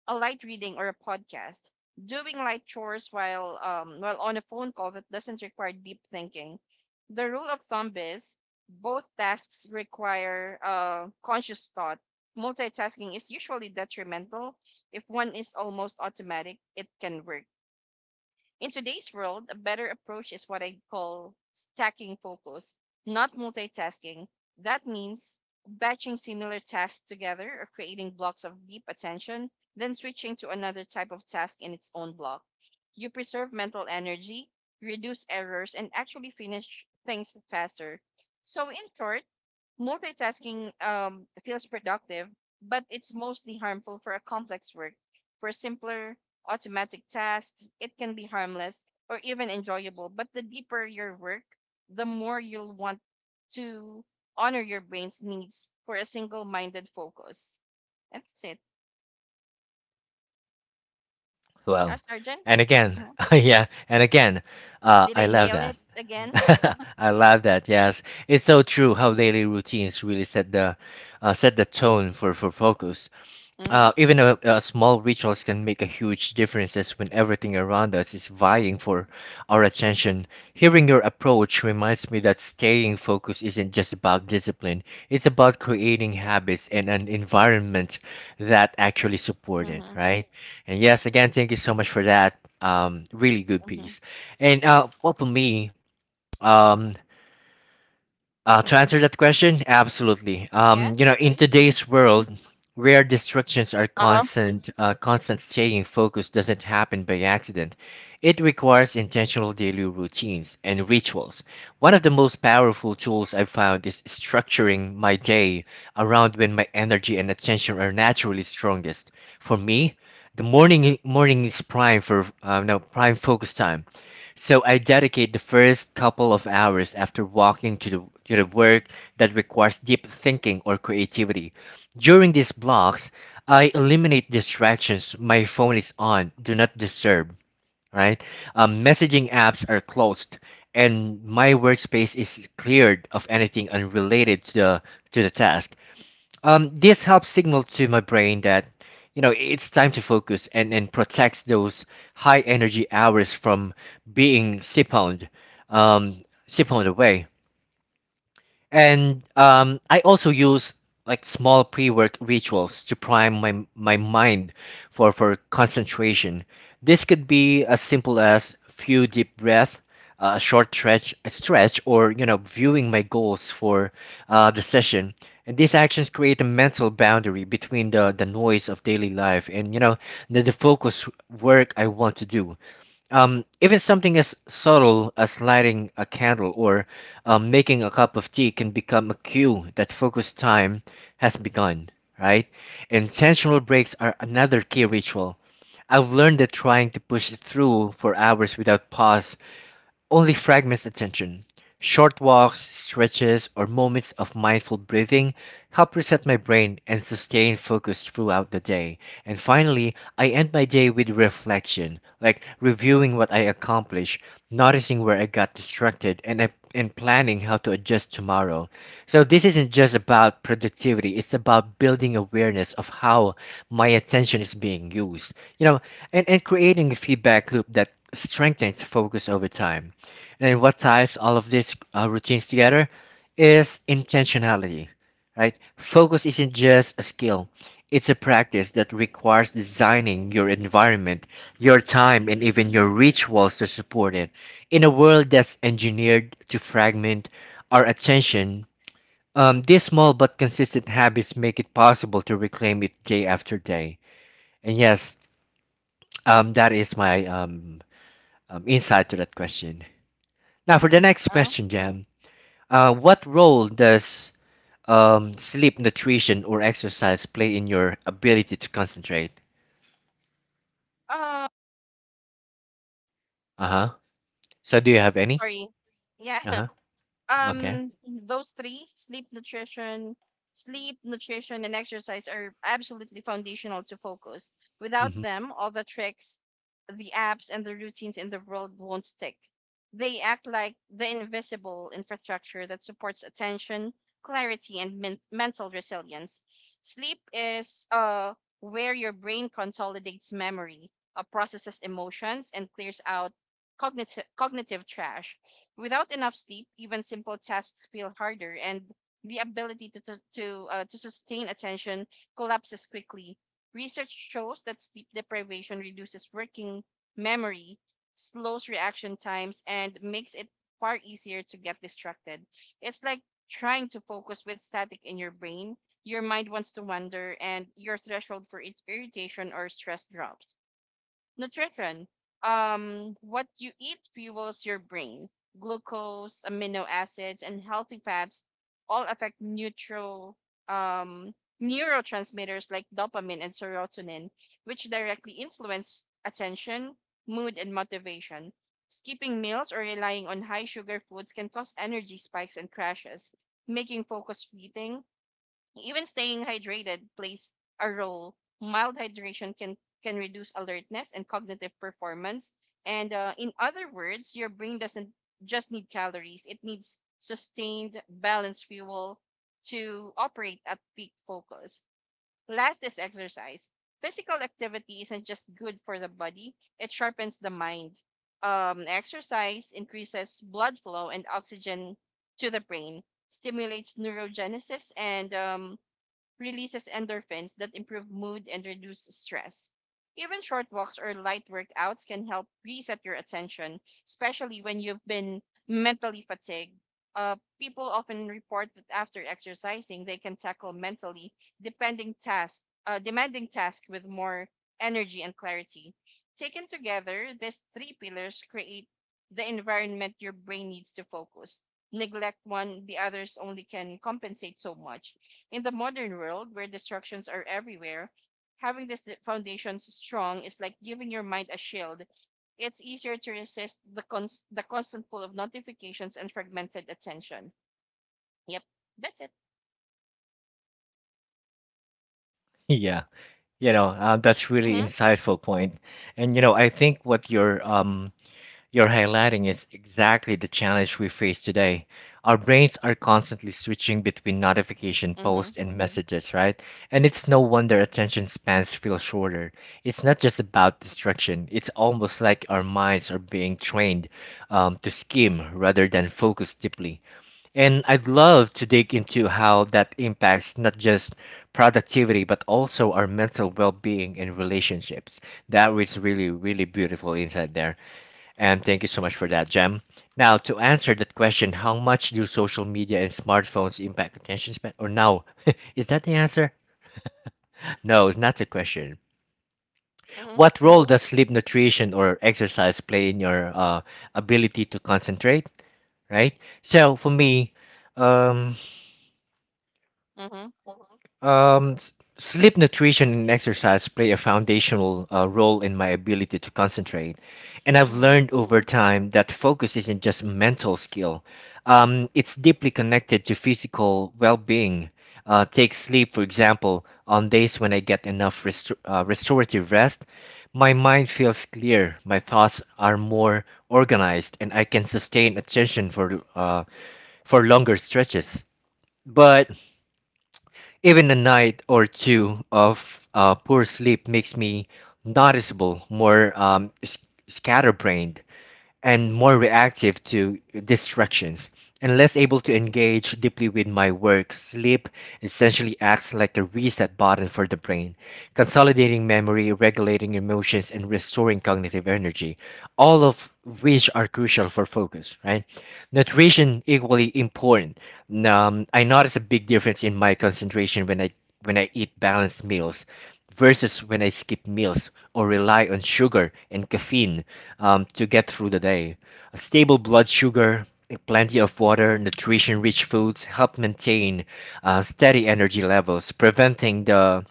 Speaker 2: a light reading or a podcast, doing light chores while um while on a phone call that doesn't require deep thinking. The rule of thumb is both tasks require uh, conscious thought. Multitasking is usually detrimental. If one is almost automatic, it can work. In today's world, a better approach is what I call stacking focus, not multitasking. That means batching similar tasks together or creating blocks of deep attention, then switching to another type of task in its own block. You preserve mental energy, reduce errors, and actually finish things faster. So, in short, multitasking um, feels productive, but it's mostly harmful for a complex work. For simpler automatic tasks, it can be harmless or even enjoyable. But the deeper your work, the more you'll want to honor your brain's needs for a single minded focus. That's it. Now,
Speaker 1: Well,
Speaker 2: Sergeant.
Speaker 1: and again,
Speaker 2: Mhm.
Speaker 1: yeah, and again, uh,
Speaker 2: Did
Speaker 1: I
Speaker 2: I
Speaker 1: love
Speaker 2: nail
Speaker 1: that.
Speaker 2: it again?
Speaker 1: I love that. Yes, it's so true how daily routines really set the uh, set the tone for for focus.
Speaker 2: Mm-hmm.
Speaker 1: Uh, even a, a small rituals can make a huge differences when everything around us is
Speaker 2: Yeah.
Speaker 1: vying for our attention. Hearing your approach reminds me that staying focused isn't just about discipline, it's about creating habits and an environment that actually support it,
Speaker 2: Mm-hmm.
Speaker 1: right? And yes, again, thank you so much for that. Um, really good
Speaker 2: Mm-hmm.
Speaker 1: piece. And uh, well, for me, um, uh, to answer that question, absolutely.
Speaker 2: Yeah.
Speaker 1: Um, you know, in
Speaker 2: Mm-hmm.
Speaker 1: today's world where distractions are
Speaker 2: Uh huh.
Speaker 1: constant, uh, constant staying focused doesn't happen by accident. It requires intentional daily routines and rituals. One of the most powerful tools I've found is structuring my day around when my energy and attention are naturally strongest. For me, the morning morning is prime for uh, no prime focus time. So I dedicate the first couple of hours after walking to the, to the work that requires deep thinking or creativity. During these blocks, I eliminate distractions. My phone is on, do not disturb, right? Um, messaging apps are closed, and my workspace is cleared of anything unrelated to the, to the task. Um, this helps signal to my brain that, you know, it's time to focus and, and protects those high energy hours from being siphoned, um, siphoned away. And um, I also use like small pre-work rituals to prime my my mind for for concentration. This could be as simple as few deep breath, uh, a short stretch, a stretch, or you know, viewing my goals for uh, the session. And these actions create a mental boundary between the the noise of daily life and you know the, the focus work I want to do. Um, even something as subtle as lighting a candle or um, making a cup of tea can become a cue that focused time has begun, right? Intentional breaks are another key ritual. I've learned that trying to push through for hours without pause only fragments attention. Short walks, stretches, or moments of mindful breathing help reset my brain and sustain focus throughout the day. And finally, I end my day with reflection, like reviewing what I accomplished, noticing where I got distracted, and I, and planning how to adjust tomorrow. So this isn't just about productivity, it's about building awareness of how my attention is being used. You know, and, and creating a feedback loop that strengthens focus over time. And what ties all of these uh, routines together is intentionality, right? Focus isn't just a skill, it's a practice that requires designing your environment, your time, and even your rituals to support it. In a world that's engineered to fragment our attention, um, these small but consistent habits make it possible to reclaim it day after day. And yes, um, that is my um, um, insight to that question. Now, for the next
Speaker 2: Uh-huh.
Speaker 1: question, Jam. Uh, what role does um, sleep, nutrition, or exercise play in your ability to concentrate?
Speaker 2: Oh,
Speaker 1: Uh huh. So, do you have any?
Speaker 2: sorry. Yeah.
Speaker 1: Uh huh. Okay.
Speaker 2: um those three sleep nutrition Sleep nutrition and exercise are absolutely foundational to focus. Without
Speaker 1: Hmm.
Speaker 2: them, all the tricks, the apps, and the routines in the world won't stick. They act like the invisible infrastructure that supports attention, clarity, and men- mental resilience. Sleep is uh where your brain consolidates memory, uh, processes emotions, and clears out cognitive cognitive trash. Without enough sleep, even simple tasks feel harder, and the ability to to to, uh, to sustain attention collapses quickly. Research shows that sleep deprivation reduces working memory, slows reaction times, and makes it far easier to get distracted. It's like trying to focus with static in your brain. Your mind wants to wander, and your threshold for it- irritation or stress drops. Nutrition. Um, what you eat fuels your brain. Glucose, amino acids, and healthy fats all affect neutral um, neurotransmitters like dopamine and serotonin, which directly influence attention, mood, and motivation. Skipping meals or relying on high sugar foods can cause energy spikes and crashes, making focus fleeting. Even staying hydrated plays a role. Mild hydration can can reduce alertness and cognitive performance. And uh, In other words, your brain doesn't just need calories; it needs sustained, balanced fuel to operate at peak focus. Last is exercise. Physical activity isn't just good for the body; it sharpens the mind. Um, exercise increases blood flow and oxygen to the brain, stimulates neurogenesis, and um, releases endorphins that improve mood and reduce stress. Even short walks or light workouts can help reset your attention, especially when you've been mentally fatigued. Uh, people often report that after exercising, they can tackle mentally depending task, uh, demanding tasks with more energy and clarity. Taken together, these three pillars create the environment your brain needs to focus. Neglect one, the others only can compensate so much. In the modern world, where distractions are everywhere, having this th- foundation strong is like giving your mind a shield. It's easier to resist the cons- the constant pull of notifications and fragmented attention. Yep, that's it.
Speaker 1: Yeah. You know, uh, that's really
Speaker 2: Mhm,
Speaker 1: insightful point. And you know, I think what you're um You're highlighting is exactly the challenge we face today. Our brains are constantly switching between notification
Speaker 2: mhm,
Speaker 1: posts and messages, right? And it's no wonder attention spans feel shorter. It's not just about distraction, it's almost like our minds are being trained um, to skim rather than focus deeply. And I'd love to dig into how that impacts not just productivity, but also our mental well being and relationships. That was really, really beautiful insight there. And thank you so much for that, Jem. Now, to answer that question, how much do social media and smartphones impact attention span? Or no, is that the answer? No, it's not the question.
Speaker 2: mhm,
Speaker 1: What role does sleep, nutrition, or exercise play in your uh, ability to concentrate? Right. So for me, um,
Speaker 2: mhm,
Speaker 1: Um, s- sleep, nutrition, and exercise play a foundational uh, role in my ability to concentrate. And I've
Speaker 2: mhm,
Speaker 1: learned over time that focus isn't just mental skill, um, it's deeply connected to physical well being. Uh, take sleep, for example, on days when I get enough restor- uh, restorative rest, my mind feels clear, my thoughts are more organized, and I can sustain attention for, uh, for longer stretches. But even a night or two of uh, poor sleep makes me noticeable more um, s- scatterbrained and more reactive to distractions and less able to engage deeply with my work. Sleep essentially acts like the reset button for the brain, consolidating memory, regulating emotions, and restoring cognitive energy, all of which are crucial for focus, right? Nutrition equally important. Um, I notice a big difference in my concentration when I when I eat balanced meals versus when I skip meals or rely on sugar and caffeine um, to get through the day. A stable blood sugar, plenty of water, nutrition rich foods help maintain uh, steady energy levels, preventing the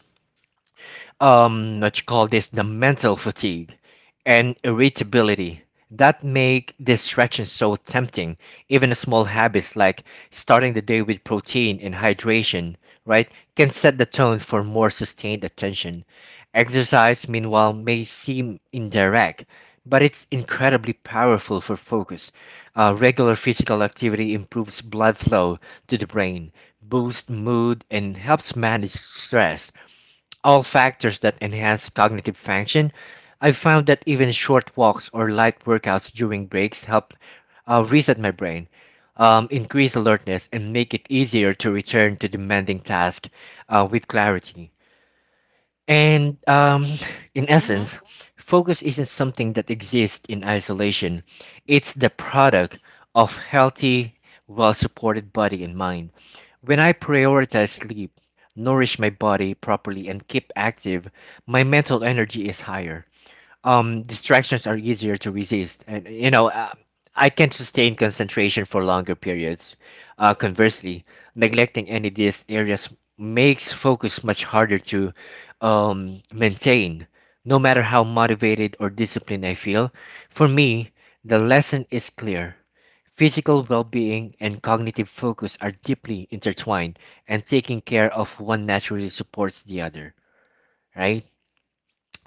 Speaker 1: um what you call this the mental fatigue and irritability that make distractions so tempting. Even small habits like starting the day with protein and hydration, right, can set the tone for more sustained attention. Exercise meanwhile may seem indirect, but it's incredibly powerful for focus. Uh, regular physical activity improves blood flow to the brain, boosts mood and helps manage stress, all factors that enhance cognitive function. I've found that even short walks or light workouts during breaks help uh, reset my brain, um, increase alertness, and make it easier to return to demanding tasks uh, with clarity. And um, In
Speaker 2: mhm.
Speaker 1: essence, focus isn't something that exists in isolation, it's the product of healthy, well supported body and mind. When I prioritize sleep, nourish my body properly, and keep active, my mental energy is higher, um, distractions are easier to resist, and you know, uh, I can sustain concentration for longer periods. Uh, conversely, neglecting any of these areas makes focus much harder to um, maintain. No matter how motivated or disciplined I feel, for me, the lesson is clear. Physical well being and cognitive focus are deeply intertwined, and taking care of one naturally supports the other, right?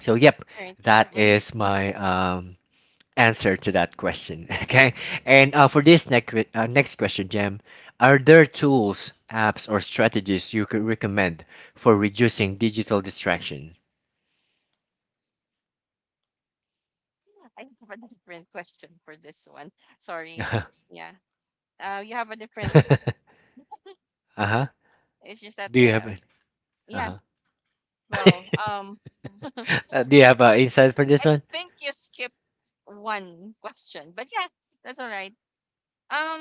Speaker 1: So, yep,
Speaker 2: All right.
Speaker 1: that
Speaker 2: Mhm.
Speaker 1: is my um, answer to that question. Okay. And uh, for this next uh, next question, Jem, are there tools, apps, or strategies you could recommend for reducing digital distraction?
Speaker 2: I have a different question for this one. Sorry. Yeah. Uh, you have a different.
Speaker 1: Uh-huh. Uh-huh.
Speaker 2: It's just that.
Speaker 1: Do you have
Speaker 2: Uh, yeah.
Speaker 1: uh-huh.
Speaker 2: Well. Um.
Speaker 1: Uh, do you have uh, insights for this
Speaker 2: I
Speaker 1: one?
Speaker 2: think you skipped one question, but yeah, that's all right.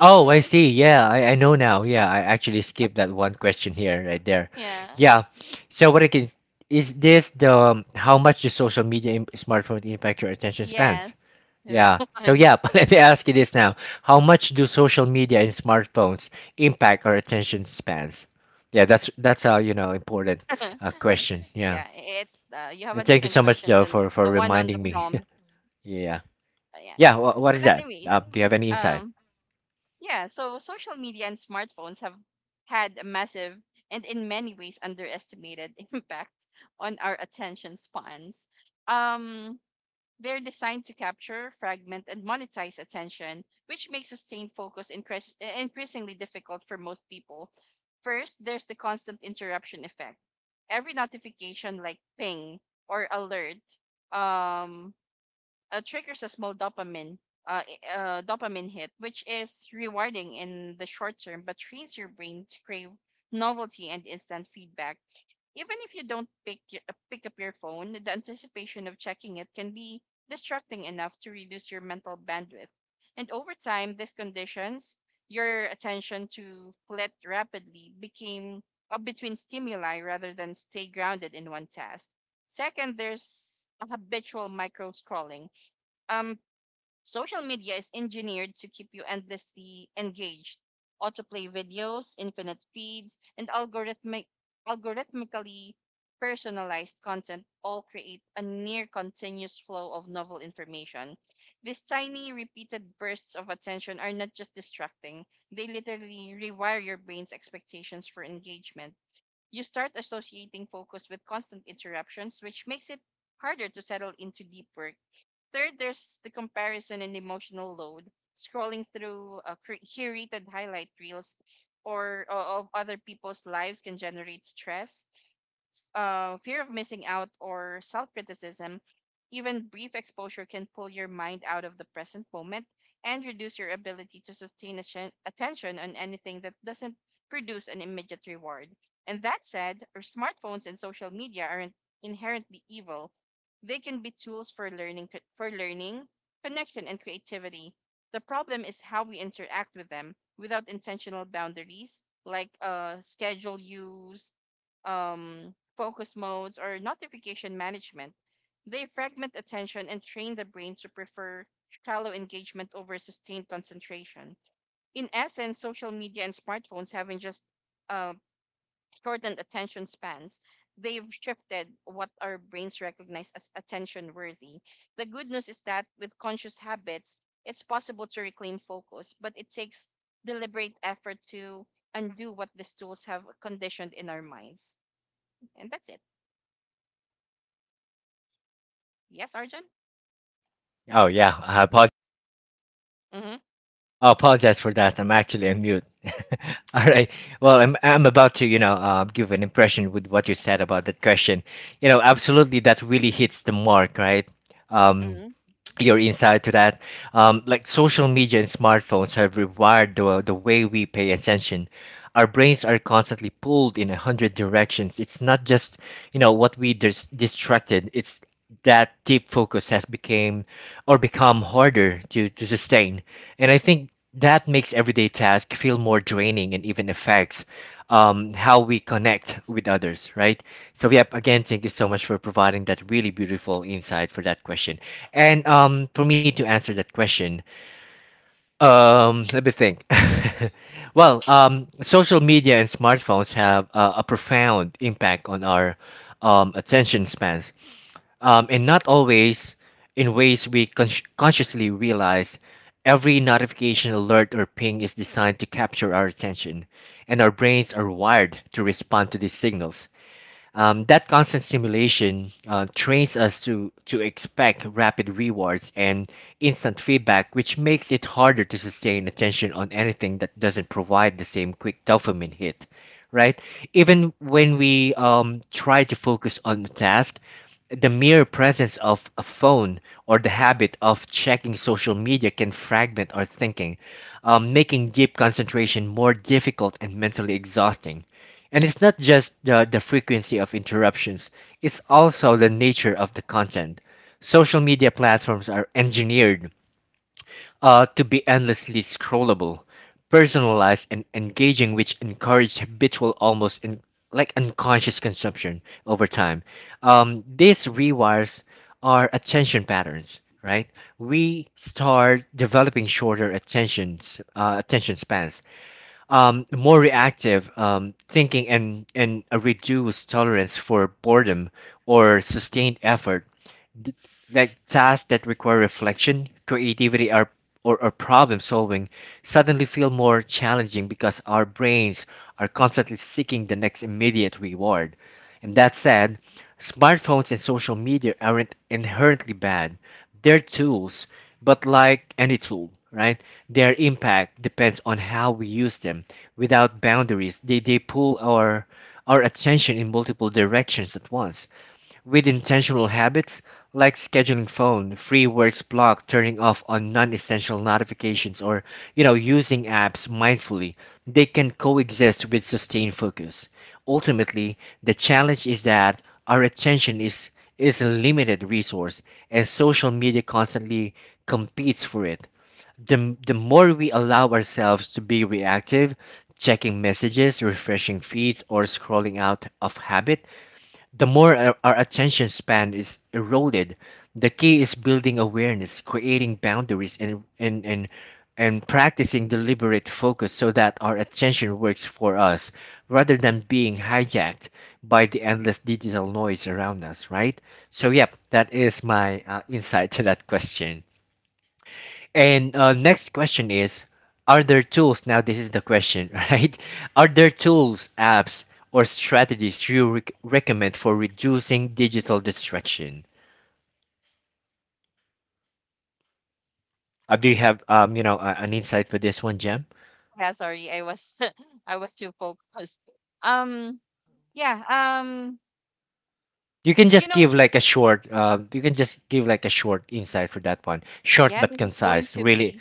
Speaker 1: Oh, I see. Yeah, I, I know now. Yeah, I actually skipped that one question here, right there.
Speaker 2: yeah,
Speaker 1: Yeah. So what I can is this the um, how much the social media im- smartphone impact your attention spans?
Speaker 2: yes, that
Speaker 1: Yeah. So
Speaker 2: one.
Speaker 1: yeah, but let me ask you this now. How much do social media and smartphones impact our attention spans? Yeah, that's that's a, you know, important uh, question.
Speaker 2: Yeah,
Speaker 1: Yeah.
Speaker 2: it. Uh, you have a
Speaker 1: And thank you
Speaker 2: different
Speaker 1: so much
Speaker 2: question
Speaker 1: Joe
Speaker 2: than
Speaker 1: for
Speaker 2: the
Speaker 1: for
Speaker 2: one on the
Speaker 1: reminding me.
Speaker 2: prompt.
Speaker 1: Yeah.
Speaker 2: Uh, yeah,
Speaker 1: Yeah, wha what
Speaker 2: but
Speaker 1: is that?
Speaker 2: anyways,
Speaker 1: Uh, do you have any insight?
Speaker 2: um, yeah. So social media and smartphones have had a massive and in many ways underestimated impact on our attention spans. Um, They're designed to capture, fragment, and monetize attention, which makes sustained focus increas- increasingly difficult for most people. First, there's the constant interruption effect. Every notification, like ping or alert, um, uh, triggers a small dopamine uh, i- uh, dopamine hit, which is rewarding in the short term, but trains your brain to crave novelty and instant feedback. Even if you don't pick y- uh, pick up your phone, the anticipation of checking it can be distracting enough to reduce your mental bandwidth. And over time, this conditions your attention to flit rapidly, became up between stimuli rather than stay grounded in one task. Second, there's a habitual micro scrolling. um, Social media is engineered to keep you endlessly engaged. Autoplay videos, infinite feeds, and algorithmic, algorithmically personalized content all create a near continuous flow of novel information. These tiny, repeated bursts of attention are not just distracting, they literally rewire your brain's expectations for engagement. You start associating focus with constant interruptions, which makes it harder to settle into deep work. Third, there's the comparison and emotional load. Scrolling through uh, cur- curated highlight reels or, or of other people's lives can generate stress, uh, fear of missing out or self criticism. Even brief exposure can pull your mind out of the present moment and reduce your ability to sustain atten- attention on anything that doesn't produce an immediate reward. And that said, our smartphones and social media aren't inherently evil. They can be tools for learning, for learning, connection, and creativity. The problem is how we interact with them without intentional boundaries, like uh, schedule use, um, focus modes, or notification management. They fragment attention and train the brain to prefer shallow engagement over sustained concentration. In essence, social media and smartphones haven't just uh, shortened attention spans, they've shifted what our brains recognize as attention worthy. The good news is that with conscious habits, it's possible to reclaim focus, but it takes deliberate effort to undo what these tools have conditioned in our minds. And that's it. Yes, Arjun?
Speaker 1: Oh yeah, I apologize.
Speaker 2: Mm-hmm.
Speaker 1: I apologize for that. I'm actually on mute. All
Speaker 2: Yeah.
Speaker 1: right. Well,
Speaker 2: Right.
Speaker 1: I'm I'm about to, you know, uh, give an impression with what you said about that question. You know, absolutely, that really hits the mark, right? Um,
Speaker 2: Mm-hmm.
Speaker 1: your insight to that. Um, like social media and smartphones have rewired the, the way we pay attention. Our brains are constantly pulled in a hundred directions. It's not just, you know, what we dis- distracted. It's that deep focus has became or become harder to, to sustain. And I think that makes everyday tasks feel more draining and even affects um, how we connect with others, right? So, yep, again, thank you so much for providing that really beautiful insight for that question. And um, for me to answer that question, um, let me think. Well, um, social media and smartphones have uh, a profound impact on our um, attention spans, um, and not always in ways we con- consciously realize. Every notification, alert, or ping is designed to capture our attention, and our brains are wired to respond to these signals. Um, that constant stimulation uh, trains us to, to expect rapid rewards and instant feedback, which makes it harder to sustain attention on anything that doesn't provide the same quick dopamine hit, right? Even when we um, try to focus on a task, the mere presence of a phone or the habit of checking social media can fragment our thinking, um, making deep concentration more difficult and mentally exhausting. And it's not just the, the frequency of interruptions, it's also the nature of the content. Social media platforms are engineered uh, to be endlessly scrollable, personalized, and engaging, which encourage habitual, almost in, like unconscious consumption over time. Um, this rewires our attention patterns, right? We start developing shorter attentions, uh, attention spans, um, more reactive um, thinking and, and a reduced tolerance for boredom or sustained effort, th- like tasks that require reflection, creativity, or, or, or problem solving suddenly feel more challenging because our brains are constantly seeking the next immediate reward. And that said, smartphones and social media aren't inherently bad. They're tools, but like any tool, right? Their impact depends on how we use them. Without boundaries, they, they pull our our attention in multiple directions at once. With intentional habits, like scheduling phone, free works block, turning off on non-essential notifications, or you know, using apps mindfully, they can coexist with sustained focus. Ultimately, the challenge is that our attention is is a limited resource, and social media constantly competes for it. The, the more we allow ourselves to be reactive, checking messages, refreshing feeds, or scrolling out of habit, the more our our attention span is eroded. The key is building awareness, creating boundaries, and, and, and, and practicing deliberate focus so that our attention works for us rather than being hijacked by the endless digital noise around us, right? So, yep, that is my uh, insight to that question. And uh, next question is, are there tools? Now, this is the question, right? Are there tools, apps, or strategies you rec recommend for reducing digital distraction? Uh, do you have um, you know, a, an insight for this one, Jem?
Speaker 2: Yeah. Sorry, I was I was too focused. Um. Yeah. Um.
Speaker 1: You can
Speaker 2: You
Speaker 1: just
Speaker 2: know.
Speaker 1: give
Speaker 2: s-
Speaker 1: like a short, uh, you can just give like a short insight for that one. Short
Speaker 2: Yeah.
Speaker 1: but
Speaker 2: This is going
Speaker 1: concise,
Speaker 2: to
Speaker 1: really.
Speaker 2: be.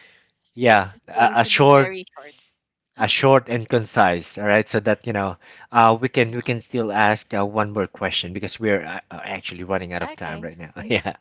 Speaker 1: Yeah,
Speaker 2: This is
Speaker 1: a,
Speaker 2: going
Speaker 1: a
Speaker 2: to be
Speaker 1: short
Speaker 2: very short.
Speaker 1: uh, short and concise, all right? So that you know, uh, we can we
Speaker 2: Mhm.
Speaker 1: can still ask uh, one more question because we're uh, uh, actually running out of time
Speaker 2: Okay.
Speaker 1: right now. Yeah.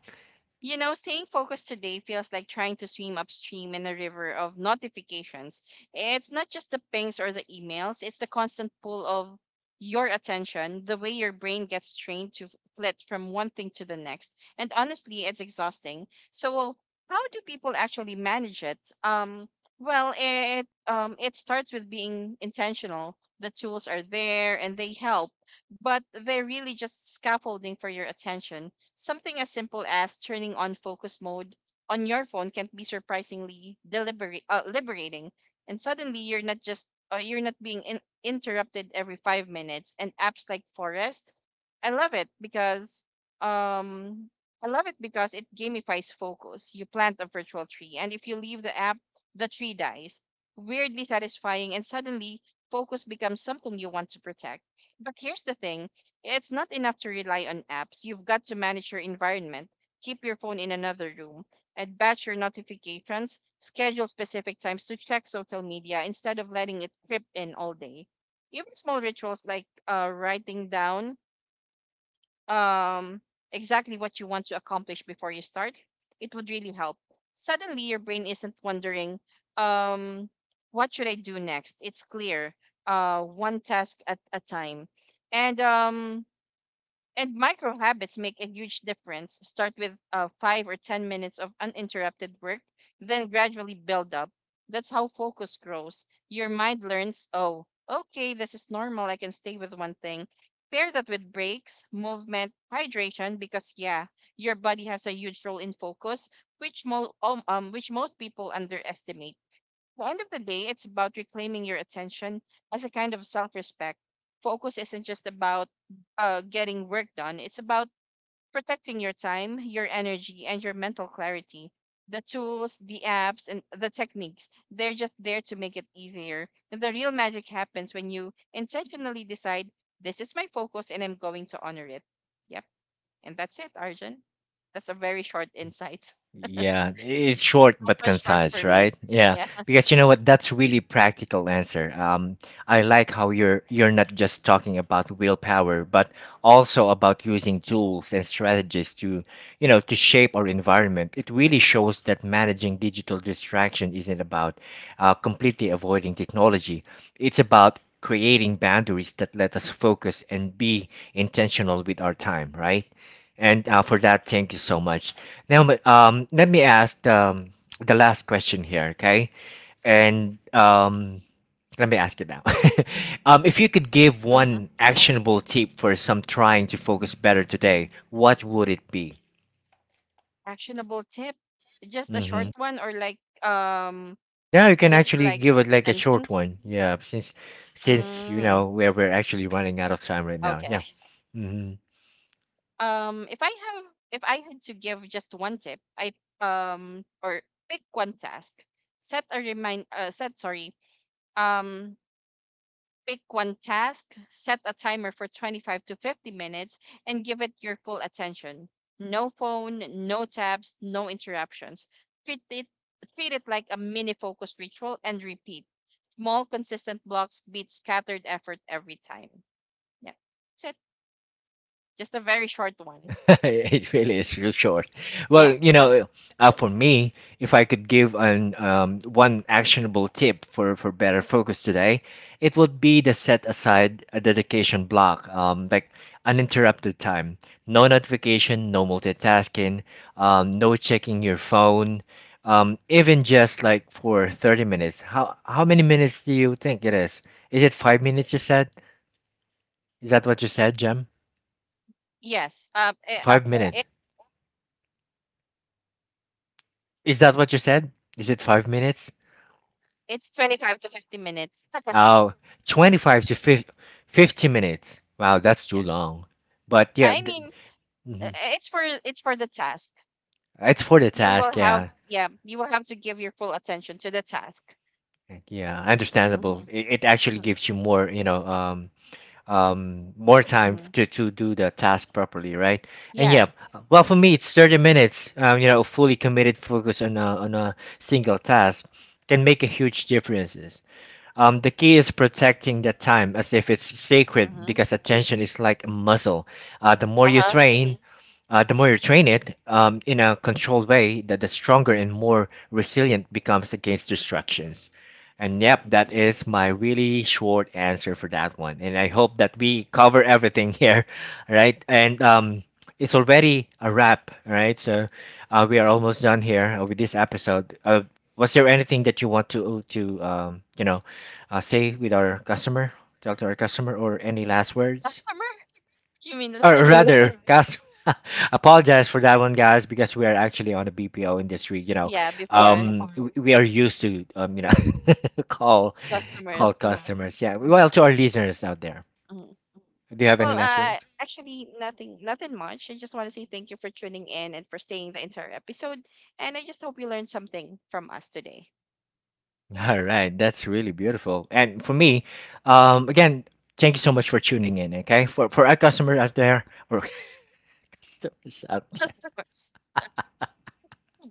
Speaker 2: You know, staying focused today feels like trying to swim upstream in a river of notifications. It's not just the pings or the emails, it's the constant pull of your attention, the way your brain gets trained to flit from one thing to the next. And honestly, it's exhausting. So, how do people actually manage it? Um, well, it um, it starts with being intentional. The tools are there and they help, but they're really just scaffolding for your attention. Something as simple as turning on focus mode on your phone can be surprisingly deliberate, uh, liberating, and suddenly you're not just uh, you're not being in- interrupted every five minutes. And apps like Forest, I love it because um I love it because it gamifies focus. You plant a virtual tree, and if you leave the app, the tree dies. Weirdly satisfying, and suddenly focus becomes something you want to protect. But here's the thing, it's not enough to rely on apps. You've got to manage your environment, keep your phone in another room, and batch your notifications, schedule specific times to check social media instead of letting it drip in all day. Even small rituals like uh, writing down um, exactly what you want to accomplish before you start, it would really help. Suddenly, your brain isn't wondering, um, what should I do next? It's clear, uh, one task at a time. And um, and micro habits make a huge difference. Start with uh, five or ten minutes of uninterrupted work, then gradually build up. That's how focus grows. Your mind learns, oh, okay, this is normal. I can stay with one thing. Pair that with breaks, movement, hydration, because yeah, your body has a huge role in focus, which, mo- um, um, which most people underestimate. The end of the day, it's about reclaiming your attention as a kind of self respect. Focus isn't just about uh, getting work done, it's about protecting your time, your energy, and your mental clarity. The tools, the apps, and the techniques, they're just there to make it easier. And the real magic happens when you intentionally decide, this is my focus and I'm going to honor it. Yep. And that's it, Arjun. That's a very short insight.
Speaker 1: Yeah, it's short
Speaker 2: That's
Speaker 1: but
Speaker 2: one short
Speaker 1: concise,
Speaker 2: for me.
Speaker 1: right? Yeah,
Speaker 2: Yeah.
Speaker 1: because you know what? That's really practical answer. Um, I like how you're you're not just talking about willpower, but also about using tools and strategies to, you know, to shape our environment. It really shows that managing digital distraction isn't about uh, completely avoiding technology. It's about creating boundaries that let us focus and be intentional with our time, right? And uh, for that, thank you so much. Now, but, um, let me ask um, the last question here, okay? And um, let me ask it now. um, if you could give one actionable tip for some trying to focus better today, what would it be?
Speaker 2: Actionable tip? Just a short
Speaker 1: Mm-hmm.
Speaker 2: one, or like um
Speaker 1: Yeah, you can
Speaker 2: just
Speaker 1: actually
Speaker 2: like
Speaker 1: give it like a short one.
Speaker 2: sentence?
Speaker 1: Yeah, since since you
Speaker 2: Mm,
Speaker 1: know we're we're actually running out of time right now.
Speaker 2: okay.
Speaker 1: Yeah. Mm-hmm.
Speaker 2: Um if I have if I had to give just one tip, I um or pick one task. Set a remind uh set sorry. Um Pick one task, set a timer for twenty-five to fifty minutes, and give it your full attention. No phone, no tabs, no interruptions. Treat it, treat it like a mini focus ritual and repeat. Small, consistent blocks beat scattered effort every time. Yeah, that's it. Just a very short one.
Speaker 1: It really is for short.
Speaker 2: Yeah,
Speaker 1: Well, you know, uh, for me, if I could give an um, one actionable tip for for better focus today, it would be to set aside a dedication block, um, like uninterrupted time, no notification, no multitasking, um, no checking your phone, um, even just like for thirty minutes. How how many minutes do you think it is? Is it five minutes you said? Is that what you said, Jem?
Speaker 2: yes. Um, it,
Speaker 1: Five
Speaker 2: it,
Speaker 1: minutes. Is that what you said? Is it five minutes?
Speaker 2: it's twenty-five to fifty minutes.
Speaker 1: Oh, twenty-five to fifty, fifty minutes. Wow, that's too long. But yeah,
Speaker 2: I
Speaker 1: th-
Speaker 2: mean, uh,
Speaker 1: mhm.
Speaker 2: it's for it's for the task.
Speaker 1: It's for the
Speaker 2: You will
Speaker 1: task.
Speaker 2: have
Speaker 1: Yeah,
Speaker 2: Yeah, you will have to give your full attention to the task.
Speaker 1: like, yeah,
Speaker 2: Hmm.
Speaker 1: understandable. It, it actually
Speaker 2: Hmm.
Speaker 1: gives you more, you know, um, um, more time
Speaker 2: Hmm.
Speaker 1: to, to do the task properly, right? And yeah,
Speaker 2: Yes.
Speaker 1: well, for me, it's thirty minutes, um, you know, fully committed focus on a, on a single task, can make a huge differences. Um, the key is protecting that time as if it's sacred
Speaker 2: Hmm.
Speaker 1: because attention is like a muscle. Uh, the more you
Speaker 2: Uh-huh.
Speaker 1: train, uh, the more you train it um, in a controlled way, the, the stronger and more resilient becomes against distractions. And yep, that is my really short answer for that one. And I hope that we cover everything here, right? And um, it's already a wrap, right? So uh, we are almost done here uh, with this episode. Uh, was there anything that you want to to um, you know, uh, say with our customer? Tell to our customer or any last words?
Speaker 2: Customer? You mean
Speaker 1: Or
Speaker 2: listeners?
Speaker 1: rather, cus- apologize for that one, guys, because we are actually on the B P O industry. You know,
Speaker 2: Yeah, before.
Speaker 1: um, w- we are used to um, you know, call
Speaker 2: Customers.
Speaker 1: call
Speaker 2: Mhm,
Speaker 1: customers. Yeah. Well, to our listeners out there,
Speaker 2: mhm.
Speaker 1: do you have any
Speaker 2: Well,
Speaker 1: last
Speaker 2: uh
Speaker 1: words?
Speaker 2: actually, nothing nothing much. I just want to say thank you for tuning in and for staying the entire episode, and I just hope you learned something from us today.
Speaker 1: All right, that's really beautiful. And for me, um, again, thank you so much for tuning in. Okay, for for our customer out there or customers out.
Speaker 2: Customers,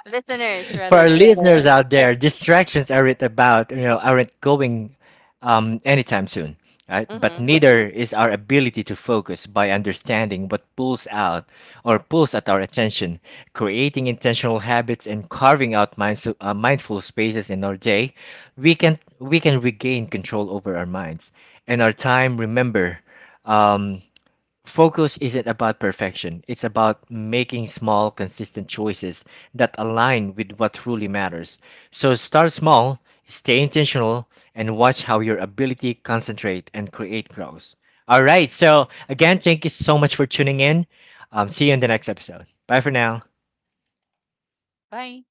Speaker 2: listeners
Speaker 1: For our
Speaker 2: rather.
Speaker 1: listeners. Yes. Out there, distractions aren't about, you know, aren't going um, anytime soon, right? But
Speaker 2: Hmm.
Speaker 1: neither is our ability to focus. By understanding what pulls out or pulls at our attention, creating intentional habits and carving out mindful, uh, mindful spaces in our day. We can we can regain control over our minds and our time. Remember, um, focus isn't about perfection, it's about making small, consistent choices that align with what truly matters. So start small, stay intentional, and watch how your ability concentrate and create grows. All right, so again, thank you so much for tuning in. Um, see you in the next episode. Bye for now.
Speaker 2: Bye.